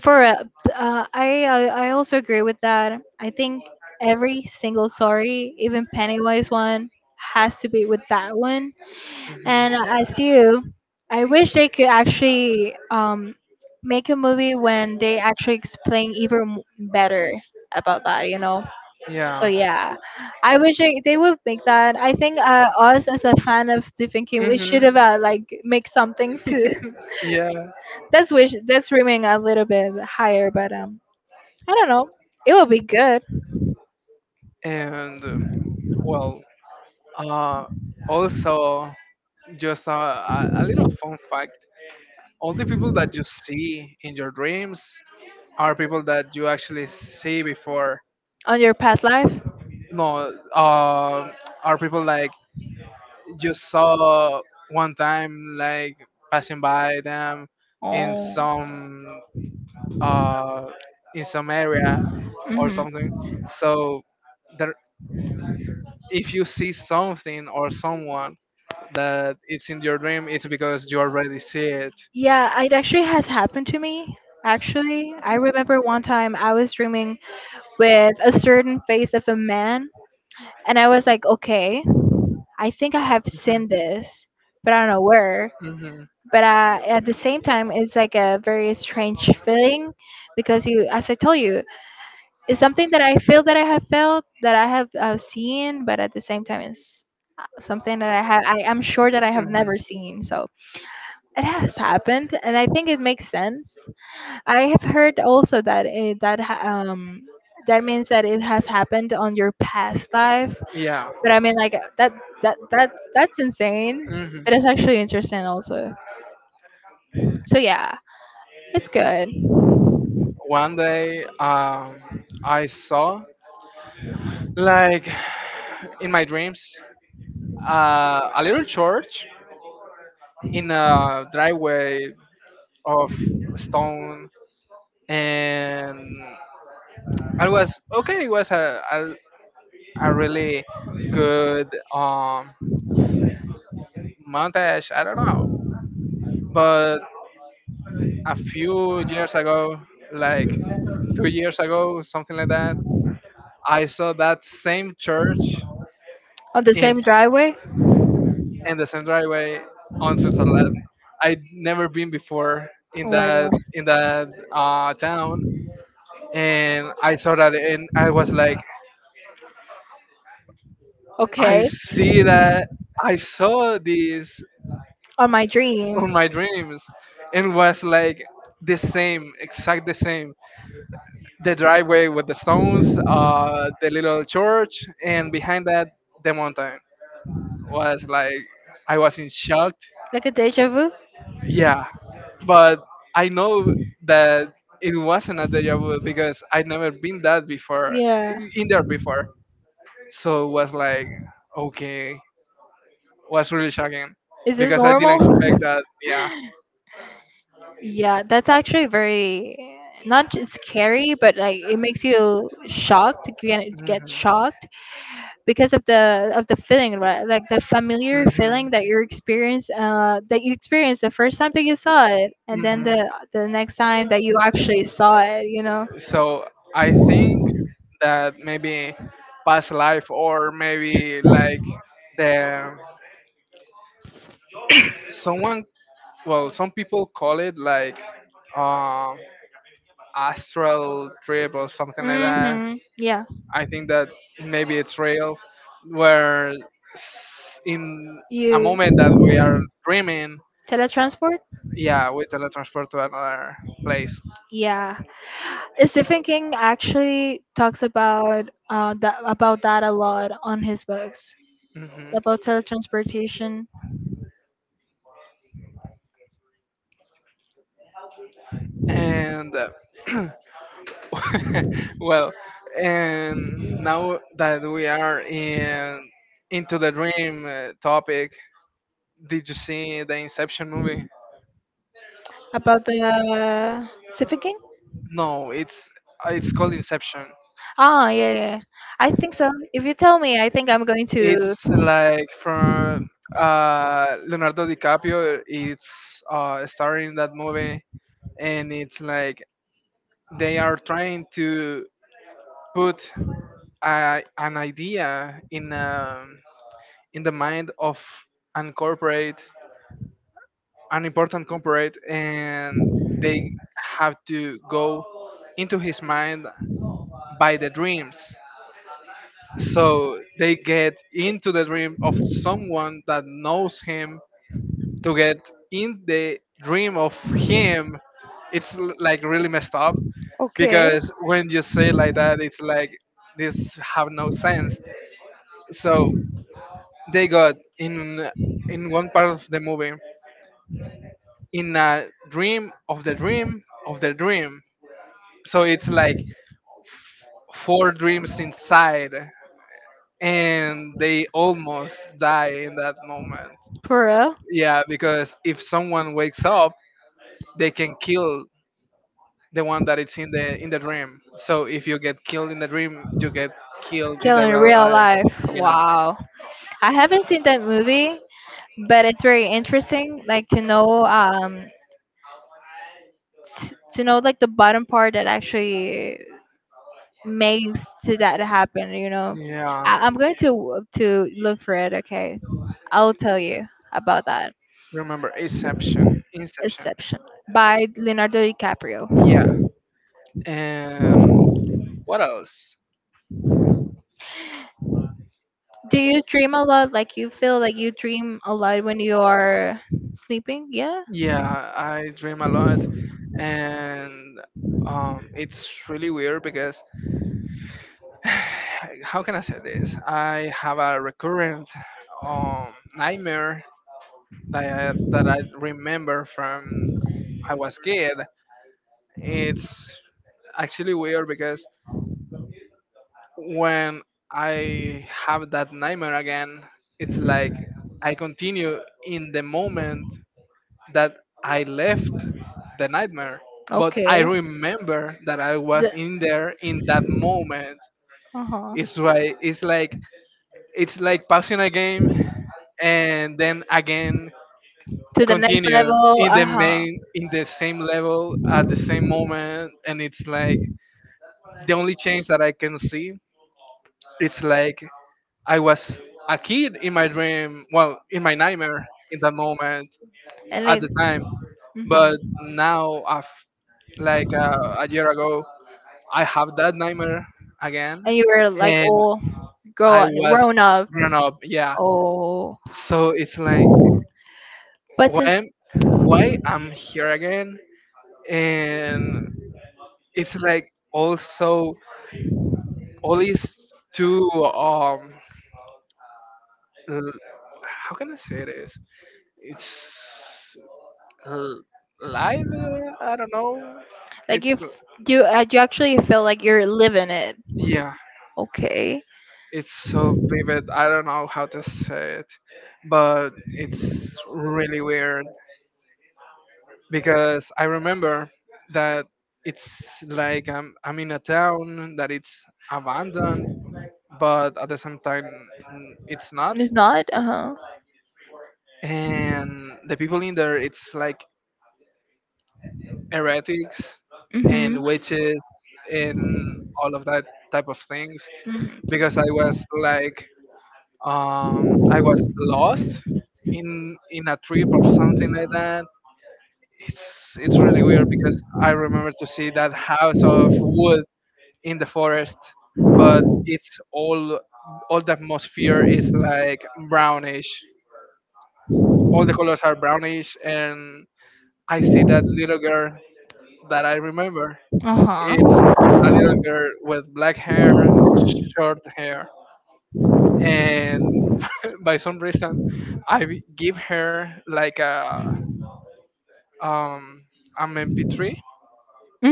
Speaker 2: For I also agree with that. I think every single story, even Pennywise one, has to be with that one.
Speaker 1: Hmm.
Speaker 2: And as you, I wish they could actually, make a movie when they actually explain even better about that, you know? So
Speaker 1: Yeah.
Speaker 2: yeah, I wish they would make that. I think us as a fan of Stephen King, we
Speaker 1: Hmm.
Speaker 2: should have like make something to.
Speaker 1: Yeah.
Speaker 2: That's wish, that's dreaming a little bit higher, but I don't know. It will be good
Speaker 1: And, well, uh, also, just a little fun fact. All the people that you see in your dreams are people that you actually see before.
Speaker 2: on your past life.
Speaker 1: No, are people like you saw one time, like passing by them in
Speaker 2: Oh.
Speaker 1: some uh, area or
Speaker 2: Mm-hmm.
Speaker 1: something. So there, if you see something or someone that it's in your dream, it's because you already see it.
Speaker 2: Yeah, it actually has happened to me. Actually, I remember one time I was dreaming with a certain face of a man, and I was like, okay, I think I have seen this, but I don't know where.
Speaker 1: Hmm.
Speaker 2: But at the same time, it's like a very strange feeling because you, as I told you, it's something that I feel that I have felt, that I have seen, but at the same time, it's something that I have, I am sure that I have
Speaker 1: Hmm.
Speaker 2: never seen. So it has happened, and I think it makes sense. I have heard also that it, that that means that it has happened on your past life.
Speaker 1: Yeah.
Speaker 2: But I mean, like that that's insane.
Speaker 1: Hmm.
Speaker 2: But it's actually interesting also. So yeah, it's good
Speaker 1: One day, I saw like in my dreams a little church in a driveway of stone, and I was okay. It was a really good um montage. I don't know, but a few years ago, like 2 years ago, something like that, I saw that same church
Speaker 2: on the
Speaker 1: in
Speaker 2: same driveway.
Speaker 1: in the same driveway on Switzerland. I'd never been before in
Speaker 2: Oh my god.
Speaker 1: that in that uh, town, and I saw that, and I was like,
Speaker 2: Okay,
Speaker 1: I see that, I saw this
Speaker 2: on my
Speaker 1: on
Speaker 2: dream.
Speaker 1: my dreams, and was like the same, exact the same. The driveway with the stones, the little church, and behind that the mountain, was like I was in shock.
Speaker 2: Like a deja vu?
Speaker 1: Yeah, but I know that it wasn't a deja vu because I'd never been that before,
Speaker 2: Yeah.
Speaker 1: in there before. So it was like okay, was really shocking
Speaker 2: Is this
Speaker 1: because I didn't
Speaker 2: normal?
Speaker 1: expect that. Yeah.
Speaker 2: Yeah, that's actually very not just scary, but like it makes you shocked. You get
Speaker 1: Mhm.
Speaker 2: shocked because of the feeling, right? Like the familiar
Speaker 1: Mhm.
Speaker 2: feeling that you experience, that you experienced the first time that you saw it, and then the
Speaker 1: Mhm.
Speaker 2: next time that you actually saw it, you know.
Speaker 1: So I think that maybe past life or maybe like the someone, well, some people call it like uh, astral trip or something like that.
Speaker 2: Mm-hmm. Yeah.
Speaker 1: I think that maybe it's real where in a
Speaker 2: You
Speaker 1: moment that we are dreaming,
Speaker 2: teletransport?
Speaker 1: yeah, we teletransport to another place.
Speaker 2: Yeah, Stephen King actually talks about that a lot on his books
Speaker 1: Hmm.
Speaker 2: about teletransportation.
Speaker 1: And well, and now that we are in into the dream topic, did you see the Inception movie?
Speaker 2: About the Stephen King?
Speaker 1: No, it's called Inception.
Speaker 2: Ah, yeah, yeah, yeah. I think so. If you tell me, I think I'm going to.
Speaker 1: It's like from Leonardo DiCaprio. It's starring that movie, and it's like they are trying to put an idea in the mind of an corporate an important corporate, and they have to go into his mind by the dreams, so they get into the dream of someone that knows him to get in the dream of him. It's like really messed up,
Speaker 2: Okay,
Speaker 1: because when you say it like that, it's like this have no sense. So they got in one part of the movie, in a dream of the dream of the dream. So it's like four dreams inside, and they almost die in that moment.
Speaker 2: Peru.
Speaker 1: Yeah, because if someone wakes up, they can kill the one that it's in the dream. So if you get killed in the dream, you get killed in the
Speaker 2: Killing in
Speaker 1: real
Speaker 2: real
Speaker 1: life.
Speaker 2: life.
Speaker 1: Yeah,
Speaker 2: Wow. I haven't seen that movie, but it's very interesting. Like to know, to know like the bottom part that actually makes to that happen. You know,
Speaker 1: yeah.
Speaker 2: I'm going to look for it. Okay, I'll tell you about that.
Speaker 1: Remember Inception. Inception.
Speaker 2: Exception by Leonardo DiCaprio.
Speaker 1: Yeah. And what else?
Speaker 2: Do you dream a lot? Like you feel like you dream a lot when you are sleeping? Yeah.
Speaker 1: Yeah, I dream a lot, and it's really weird because how can I say this? I have a recurrent nightmare that I remember from I was kid. It's actually weird because when I have that nightmare again, it's like I continue in the moment that I left the nightmare, but I
Speaker 2: Okay.
Speaker 1: remember that I was
Speaker 2: The,
Speaker 1: in there in that moment.
Speaker 2: uh-huh.
Speaker 1: It's why it's like passing a game, and then again
Speaker 2: To the next
Speaker 1: continue
Speaker 2: level.
Speaker 1: in
Speaker 2: Uh
Speaker 1: the
Speaker 2: huh.
Speaker 1: main in the same level at the same moment, and it's like the only change that I can see, it's like I was a kid in my dream, well, in my nightmare in that moment
Speaker 2: And
Speaker 1: at
Speaker 2: like,
Speaker 1: the time. But
Speaker 2: hmm,
Speaker 1: now I've like a year ago I have that nightmare again,
Speaker 2: and you were like
Speaker 1: and
Speaker 2: all
Speaker 1: I was
Speaker 2: grown up.
Speaker 1: grown up, yeah.
Speaker 2: Oh,
Speaker 1: So it's like
Speaker 2: but
Speaker 1: why
Speaker 2: since
Speaker 1: am- why I'm here again. And it's like also all these two l- how can I say this? It's l- live. I don't know.
Speaker 2: like you
Speaker 1: It's
Speaker 2: you you actually feel like you're living it.
Speaker 1: yeah.
Speaker 2: Okay,
Speaker 1: It's so vivid. I don't know how to say it, but it's really weird because I remember that it's like I'm in a town that it's abandoned, but at the same time it's not.
Speaker 2: it's not. Uh huh.
Speaker 1: And the people in there, it's like heretics and
Speaker 2: Mhm.
Speaker 1: witches and all of that type of things, because I
Speaker 2: Mhm.
Speaker 1: was like I was lost in a trip or something like that. It's really weird because I remember to see that house of wood in the forest, but it's all the atmosphere is like brownish, all the colors are brownish. And I see that little girl that I remember.
Speaker 2: Uh-huh.
Speaker 1: It's a little girl with black hair, short hair, and by some reason, I b- give her like a um an MP3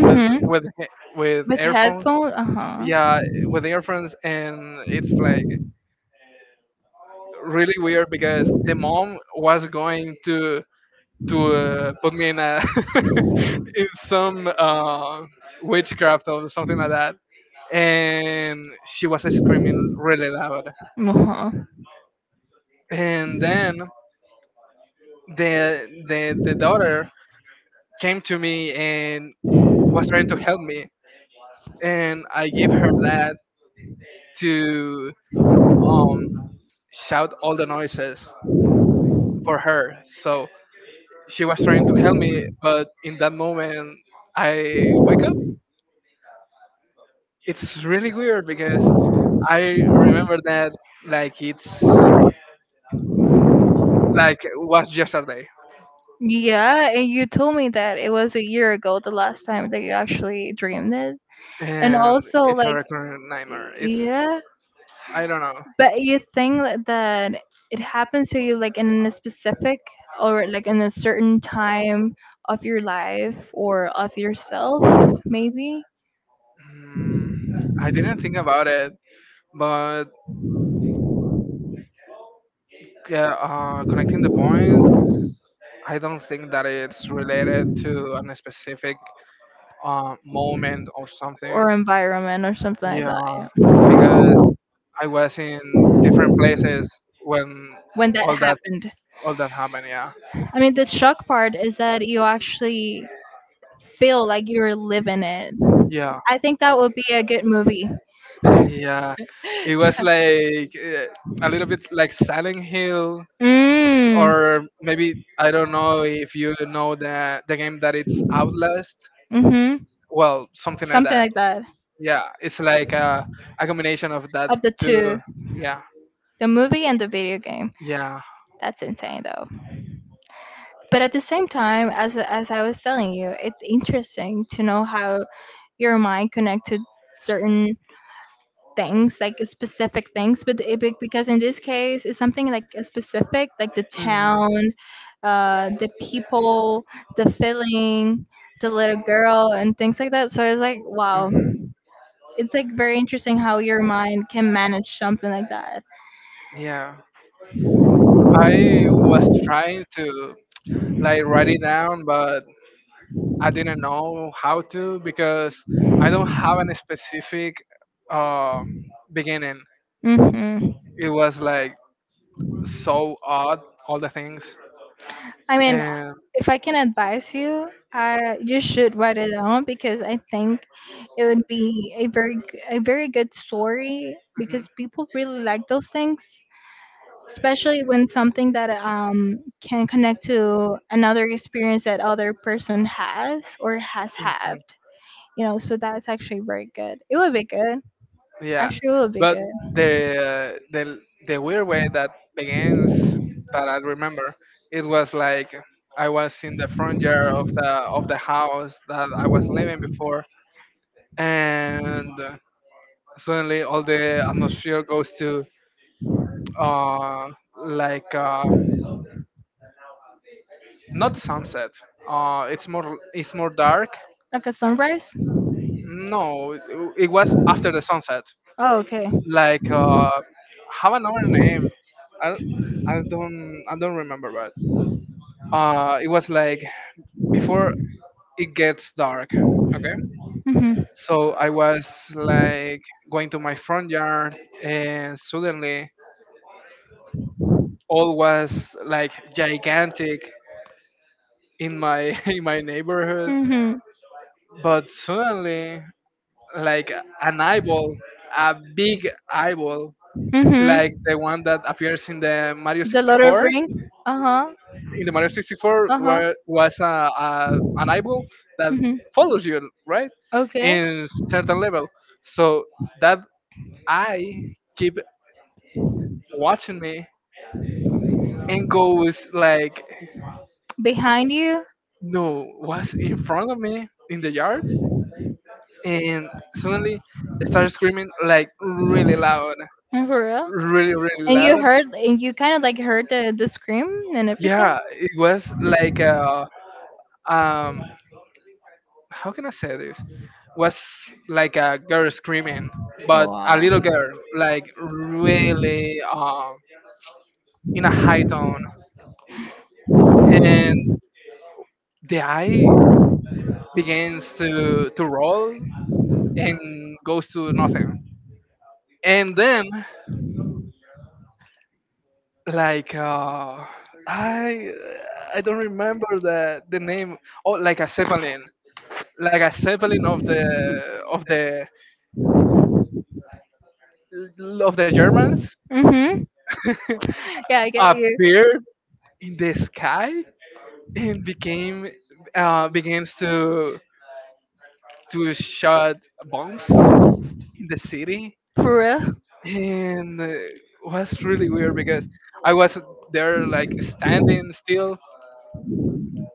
Speaker 1: with with he- with
Speaker 2: With
Speaker 1: earphones.
Speaker 2: headphones, uh-huh.
Speaker 1: Yeah, with earphones, and it's like really weird because the mom was going to put me in a in some witchcraft or something like that, and she was screaming really loud.
Speaker 2: Uh-huh.
Speaker 1: And then the daughter came to me and was trying to help me, and I give her that to um shout all the noises for her. So she was trying to help me, but in that moment I wake up. It's really weird because I remember that, like, it's like it was yesterday,
Speaker 2: Yeah, and you told me that it was a year ago the last time that you actually dreamed it. And
Speaker 1: and
Speaker 2: also
Speaker 1: it's a
Speaker 2: like
Speaker 1: recurring nightmare. It's
Speaker 2: Yeah,
Speaker 1: I don't know.
Speaker 2: but you think that it happens to you like in a specific or like in a certain time of your life or of yourself maybe?
Speaker 1: Mm, I didn't think about it, but yeah, connecting the points, I don't think that it's related to a specific moment or something.
Speaker 2: Or environment or something like
Speaker 1: Yeah,
Speaker 2: that. Yeah.
Speaker 1: because I was in different places when
Speaker 2: When that
Speaker 1: all that
Speaker 2: happened.
Speaker 1: all that happened. Yeah,
Speaker 2: I mean, the shock part is that you actually feel like you're living it.
Speaker 1: yeah,
Speaker 2: I think that would be a good movie.
Speaker 1: yeah. It was like a little bit like Silent Hill,
Speaker 2: Mm.
Speaker 1: or maybe I don't know if you know the game that it's Outlast,
Speaker 2: Mhm.
Speaker 1: well, something like
Speaker 2: Something
Speaker 1: that.
Speaker 2: like that.
Speaker 1: Yeah, it's like a combination of that
Speaker 2: Of the
Speaker 1: two.
Speaker 2: two,
Speaker 1: Yeah,
Speaker 2: the movie and the video game.
Speaker 1: yeah.
Speaker 2: That's insane though. But at the same time, as I was telling you, it's interesting to know how your mind connected certain things like specific things, but because in this case it's something like a specific, like the
Speaker 1: Mhm.
Speaker 2: town, the people, the feeling, the little girl, and things like that, so it's like, wow,
Speaker 1: Hmm.
Speaker 2: it's like very interesting how your mind can manage something like that.
Speaker 1: Yeah, I was trying to like write it down, but I didn't know how to because I don't have any specific uh, beginning.
Speaker 2: Mm-hmm.
Speaker 1: It was like so odd all the things,
Speaker 2: I mean,
Speaker 1: and
Speaker 2: if I can advise you, you should write it down because I think it would be a a very good story
Speaker 1: mhm,
Speaker 2: because people really like those things, especially when something that can connect to another experience that other person has or has had. You know, so that's actually very good. It would be good.
Speaker 1: yeah.
Speaker 2: Actually, it would be
Speaker 1: But
Speaker 2: good.
Speaker 1: the the the weird way that begins that I remember, it was like I was in the front yard of the house that I was living before, and suddenly all the atmosphere goes to uh like uh not sunset, it's more dark.
Speaker 2: Like a sunrise.
Speaker 1: No, it was after the sunset.
Speaker 2: Oh, okay.
Speaker 1: Like have another name. I I don't remember, but it was like before it gets dark. Okay,
Speaker 2: Mm-hmm.
Speaker 1: so I was like going to my front yard, and suddenly all was like gigantic in my in my neighborhood.
Speaker 2: Mm-hmm.
Speaker 1: But suddenly, like an eyeball, a big eyeball, like
Speaker 2: Mm-hmm.
Speaker 1: the one that appears in the Mario
Speaker 2: The Lord of
Speaker 1: 64,
Speaker 2: Ring. Uh huh.
Speaker 1: in the Mario 64
Speaker 2: Uh huh.
Speaker 1: was a an eyeball that
Speaker 2: Mm-hmm.
Speaker 1: follows you, right,
Speaker 2: Okay.
Speaker 1: in certain level. So that eye keep watching me and goes like,
Speaker 2: Behind you.
Speaker 1: no, what's in front of me in the yard? And suddenly started screaming like really loud,
Speaker 2: And for real.
Speaker 1: really really
Speaker 2: And you
Speaker 1: loud.
Speaker 2: heard, and you kind of like heard the scream and everything.
Speaker 1: Yeah, it was like a um how can I say this? Was like a girl screaming, but a
Speaker 2: Wow.
Speaker 1: little girl, like really in a high tone, and the eye begins to roll and goes to nothing, and then like I I don't remember the name. Oh, like a zeppelin, of the of the Germans
Speaker 2: Mm-hmm. Yeah, I get you.
Speaker 1: appeared in the sky, and became begins to shot bombs in the city.
Speaker 2: For real.
Speaker 1: And was really weird because I was there like standing still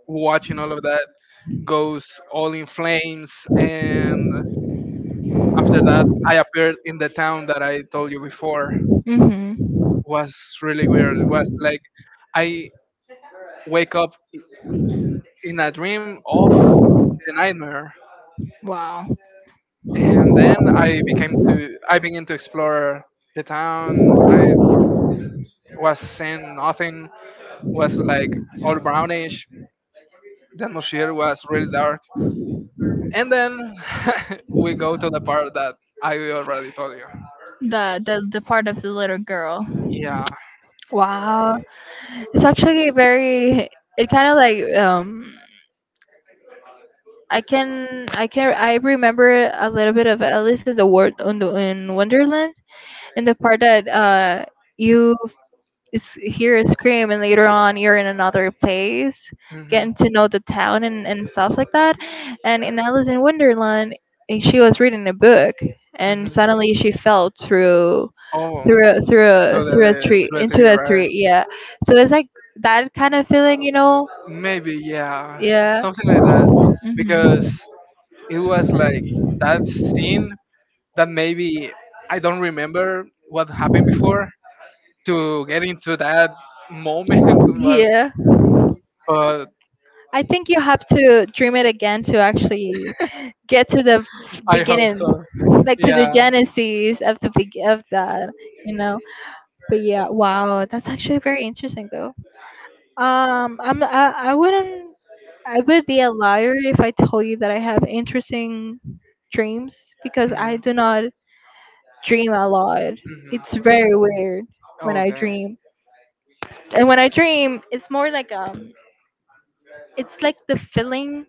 Speaker 1: watching all of that goes all in flames. And after that I appeared in the town that I told you before.
Speaker 2: Mm-hmm.
Speaker 1: Was really weird. It was like I wake up in a dream of the nightmare,
Speaker 2: Wow.
Speaker 1: and then I began to explore the town. I was seeing nothing, was like all brownish. The atmosphere was really dark, and then we go to the part that I already told you.
Speaker 2: The part of the little girl.
Speaker 1: Yeah.
Speaker 2: Wow, it's actually very. It kind of like, I remember a little bit of Alice in the World in, the, in Wonderland. In the part that you hear a scream, and later on you're in another place,
Speaker 1: Hmm.
Speaker 2: getting to know the town and stuff like that. And in Alice in Wonderland, eh, she was reading a book
Speaker 1: Hmm.
Speaker 2: and suddenly she fell through
Speaker 1: Oh,
Speaker 2: through a, through a,
Speaker 1: so
Speaker 2: through a
Speaker 1: the
Speaker 2: tree
Speaker 1: to the
Speaker 2: into
Speaker 1: theory,
Speaker 2: a
Speaker 1: right?
Speaker 2: tree. Yeah, so it's like that kind of feeling.
Speaker 1: Maybe yeah,
Speaker 2: Yeah.
Speaker 1: something like that, because
Speaker 2: Hmm.
Speaker 1: it was like that scene that maybe I don't remember what happened before to get into that moment was,
Speaker 2: Yeah.
Speaker 1: but
Speaker 2: I think you have to dream it again to actually get to the
Speaker 1: I hope
Speaker 2: beginning,
Speaker 1: so.
Speaker 2: like to the
Speaker 1: Yeah.
Speaker 2: genesis of the beg of that, you know. But yeah, wow, that's actually very interesting though. Um, I'm I, I wouldn't I would be a liar if I told you that I have interesting dreams because I
Speaker 1: Hmm.
Speaker 2: do not dream a lot. It's
Speaker 1: Hmm.
Speaker 2: very weird when I
Speaker 1: Okay.
Speaker 2: dream. And when I dream, it's more like it's like the feeling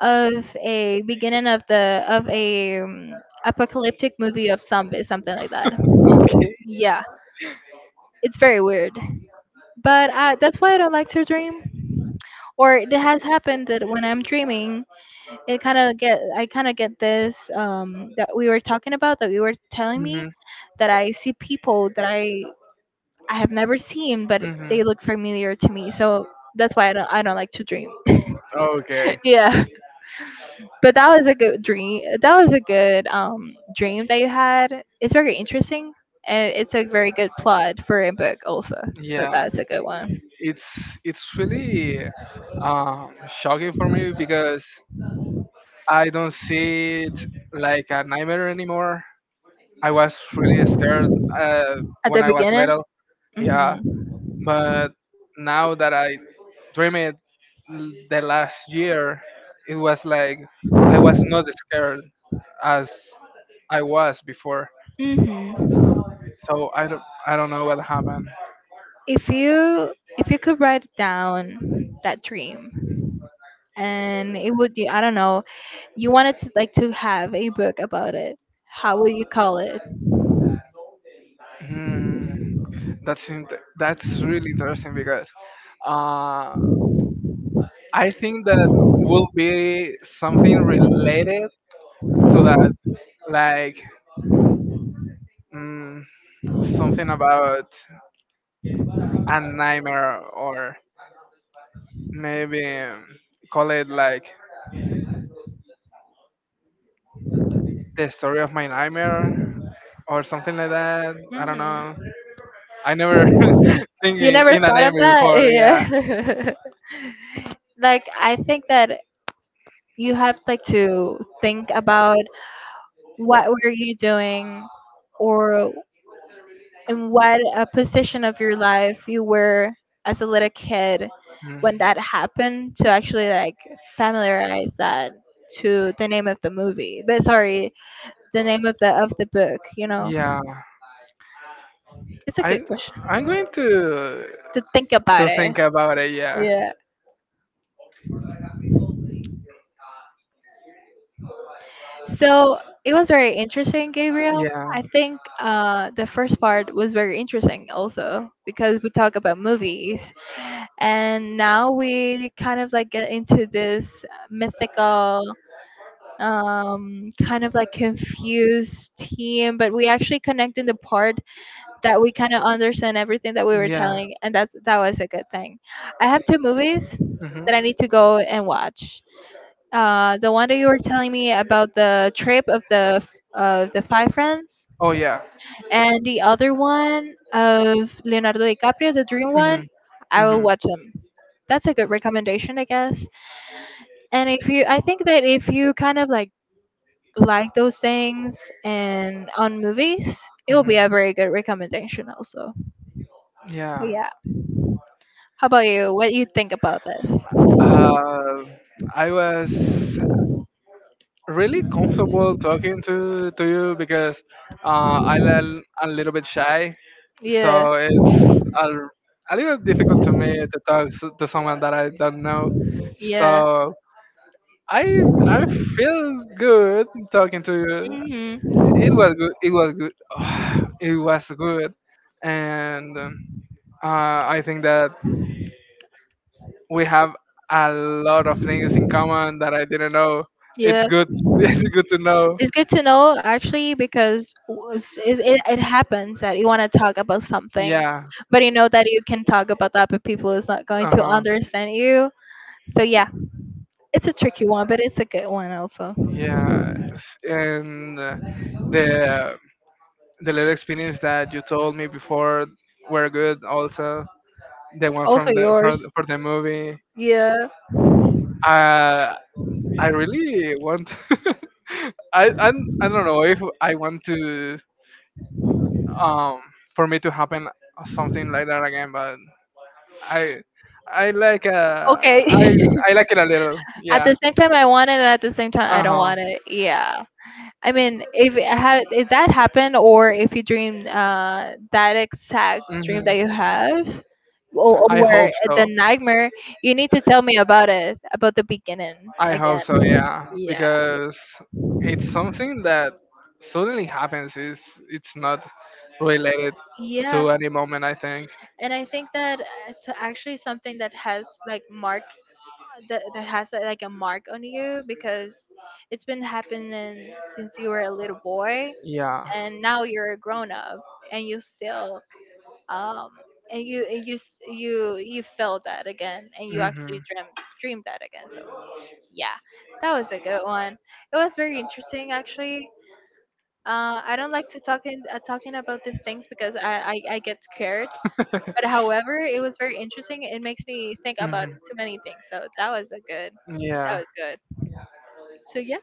Speaker 2: of a beginning of the of a apocalyptic movie of zombie, something like that.
Speaker 1: Okay.
Speaker 2: Yeah, it's very weird. But I, that's why I don't like to dream. Or it has happened that when I'm dreaming, it kind of get I kind of get this that we were talking about that you were telling me
Speaker 1: Hmm.
Speaker 2: that I see people that I have never seen, but
Speaker 1: Hmm.
Speaker 2: they look familiar to me. So that's why I don't like to dream.
Speaker 1: Okay.
Speaker 2: Yeah. But that was a good dream. That was a good dream that you had. It's very interesting, and it's a very good plot for a book also. So
Speaker 1: Yeah.
Speaker 2: that's a good one.
Speaker 1: It's really shocking for me because I don't see it like a nightmare anymore. I was really scared uh,
Speaker 2: At
Speaker 1: when
Speaker 2: the
Speaker 1: I was
Speaker 2: beginning.
Speaker 1: little. Yeah,
Speaker 2: Mhm.
Speaker 1: but now that I dream it the last year, it was like I was not scared as I was before.
Speaker 2: Mhm.
Speaker 1: So I don't know what happened.
Speaker 2: If you if you could write down that dream, and it would be, I don't know, you wanted to like to have a book about it, how would you call it?
Speaker 1: Hmm, that's in- that's really interesting because uh, I think that will be something related to that, like mm, something about a nightmare, or maybe call it like the story of my nightmare, or something like that. I don't
Speaker 2: Hmm.
Speaker 1: know. I never think
Speaker 2: You never
Speaker 1: in a
Speaker 2: thought of
Speaker 1: name
Speaker 2: that.
Speaker 1: before. Yeah.
Speaker 2: Yeah. Like, I think that you have like to think about what were you doing, or in what a position of your life you were as a little kid
Speaker 1: Mm.
Speaker 2: when that happened, to actually like familiarize that to the name of the movie, but sorry, the name of the book.
Speaker 1: Yeah.
Speaker 2: It's a
Speaker 1: I
Speaker 2: good question
Speaker 1: I'm going
Speaker 2: to think about
Speaker 1: to
Speaker 2: it.
Speaker 1: think about it. Yeah.
Speaker 2: Yeah. So it was very interesting, Gabriel.
Speaker 1: Yeah.
Speaker 2: I think the first part was very interesting also because we talk about movies, and now we kind of like get into this mythical kind of like confused team, but we actually connect in the part that we kind of understand everything that we were
Speaker 1: Yeah.
Speaker 2: telling, and that was a good thing. I have two movies
Speaker 1: Hmm.
Speaker 2: that I need to go and watch, the one that you were telling me about, the trip of the five friends,
Speaker 1: Oh yeah.
Speaker 2: and the other one of Leonardo DiCaprio, the Dream
Speaker 1: Hmm.
Speaker 2: one. I will
Speaker 1: Hmm.
Speaker 2: watch them. That's a good recommendation, I guess. And if you, I think that if you kind of like those things and on movies, it will be a very good recommendation also. So
Speaker 1: Yeah.
Speaker 2: yeah. How about you? What do you think about this?
Speaker 1: Uh, I was really comfortable talking to you because I'm a little bit shy,
Speaker 2: Yeah.
Speaker 1: so it's a, a little difficult to me to talk to someone that I don't know.
Speaker 2: Yeah.
Speaker 1: So I feel good talking to you.
Speaker 2: Mhm.
Speaker 1: It was good. It was good. It was good, and I think that we have a lot of things in common that I didn't know. It's
Speaker 2: Yeah.
Speaker 1: good. It's good to know.
Speaker 2: It's good to know actually because it happens that you want to talk about something,
Speaker 1: Yeah.
Speaker 2: but you know that you can talk about that, but people is not going
Speaker 1: Uh
Speaker 2: to
Speaker 1: huh.
Speaker 2: understand you. So yeah, it's a tricky one, but it's a good one also.
Speaker 1: Yeah. And the little experience that you told me before were good. Also, the one
Speaker 2: Also
Speaker 1: from the from
Speaker 2: yours,
Speaker 1: for the movie.
Speaker 2: yeah.
Speaker 1: Uh, I really want. I, I I don't know if I want to um for me to happen something like that again. But I I like
Speaker 2: Okay.
Speaker 1: i it a little,
Speaker 2: At
Speaker 1: yeah.
Speaker 2: the same time, I want it, and at the same time, I don't
Speaker 1: Uh-huh.
Speaker 2: want it. Yeah. I mean, if it had if that happened, or if you dream that exact dream
Speaker 1: Hmm.
Speaker 2: that you have, or,
Speaker 1: I hope
Speaker 2: or the
Speaker 1: so.
Speaker 2: nightmare, you need to tell me about it, about the beginning again.
Speaker 1: Yeah,
Speaker 2: Yeah.
Speaker 1: because it's something that suddenly happens, is it's not related to
Speaker 2: Yeah,
Speaker 1: any moment, I think.
Speaker 2: and I think that it's actually something that has like mark that has like a mark on you because it's been happening since you were a little boy,
Speaker 1: Yeah.
Speaker 2: and now you're a grown up, and you still um and you s- you felt that again, and you
Speaker 1: Hmm. Mhm.
Speaker 2: actually dreamt dreamed that again. So yeah, that was a good one. It was very interesting actually. I don't like to talking about these things because I get scared. But however, it was very interesting. It makes me think about too many things. So that
Speaker 1: Yeah.
Speaker 2: was good. So yeah,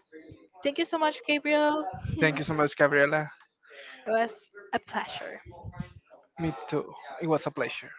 Speaker 2: thank you so much, Gabriel.
Speaker 1: Thank you so much, Gabriela.
Speaker 2: It was a pleasure.
Speaker 1: Me too. It was a pleasure.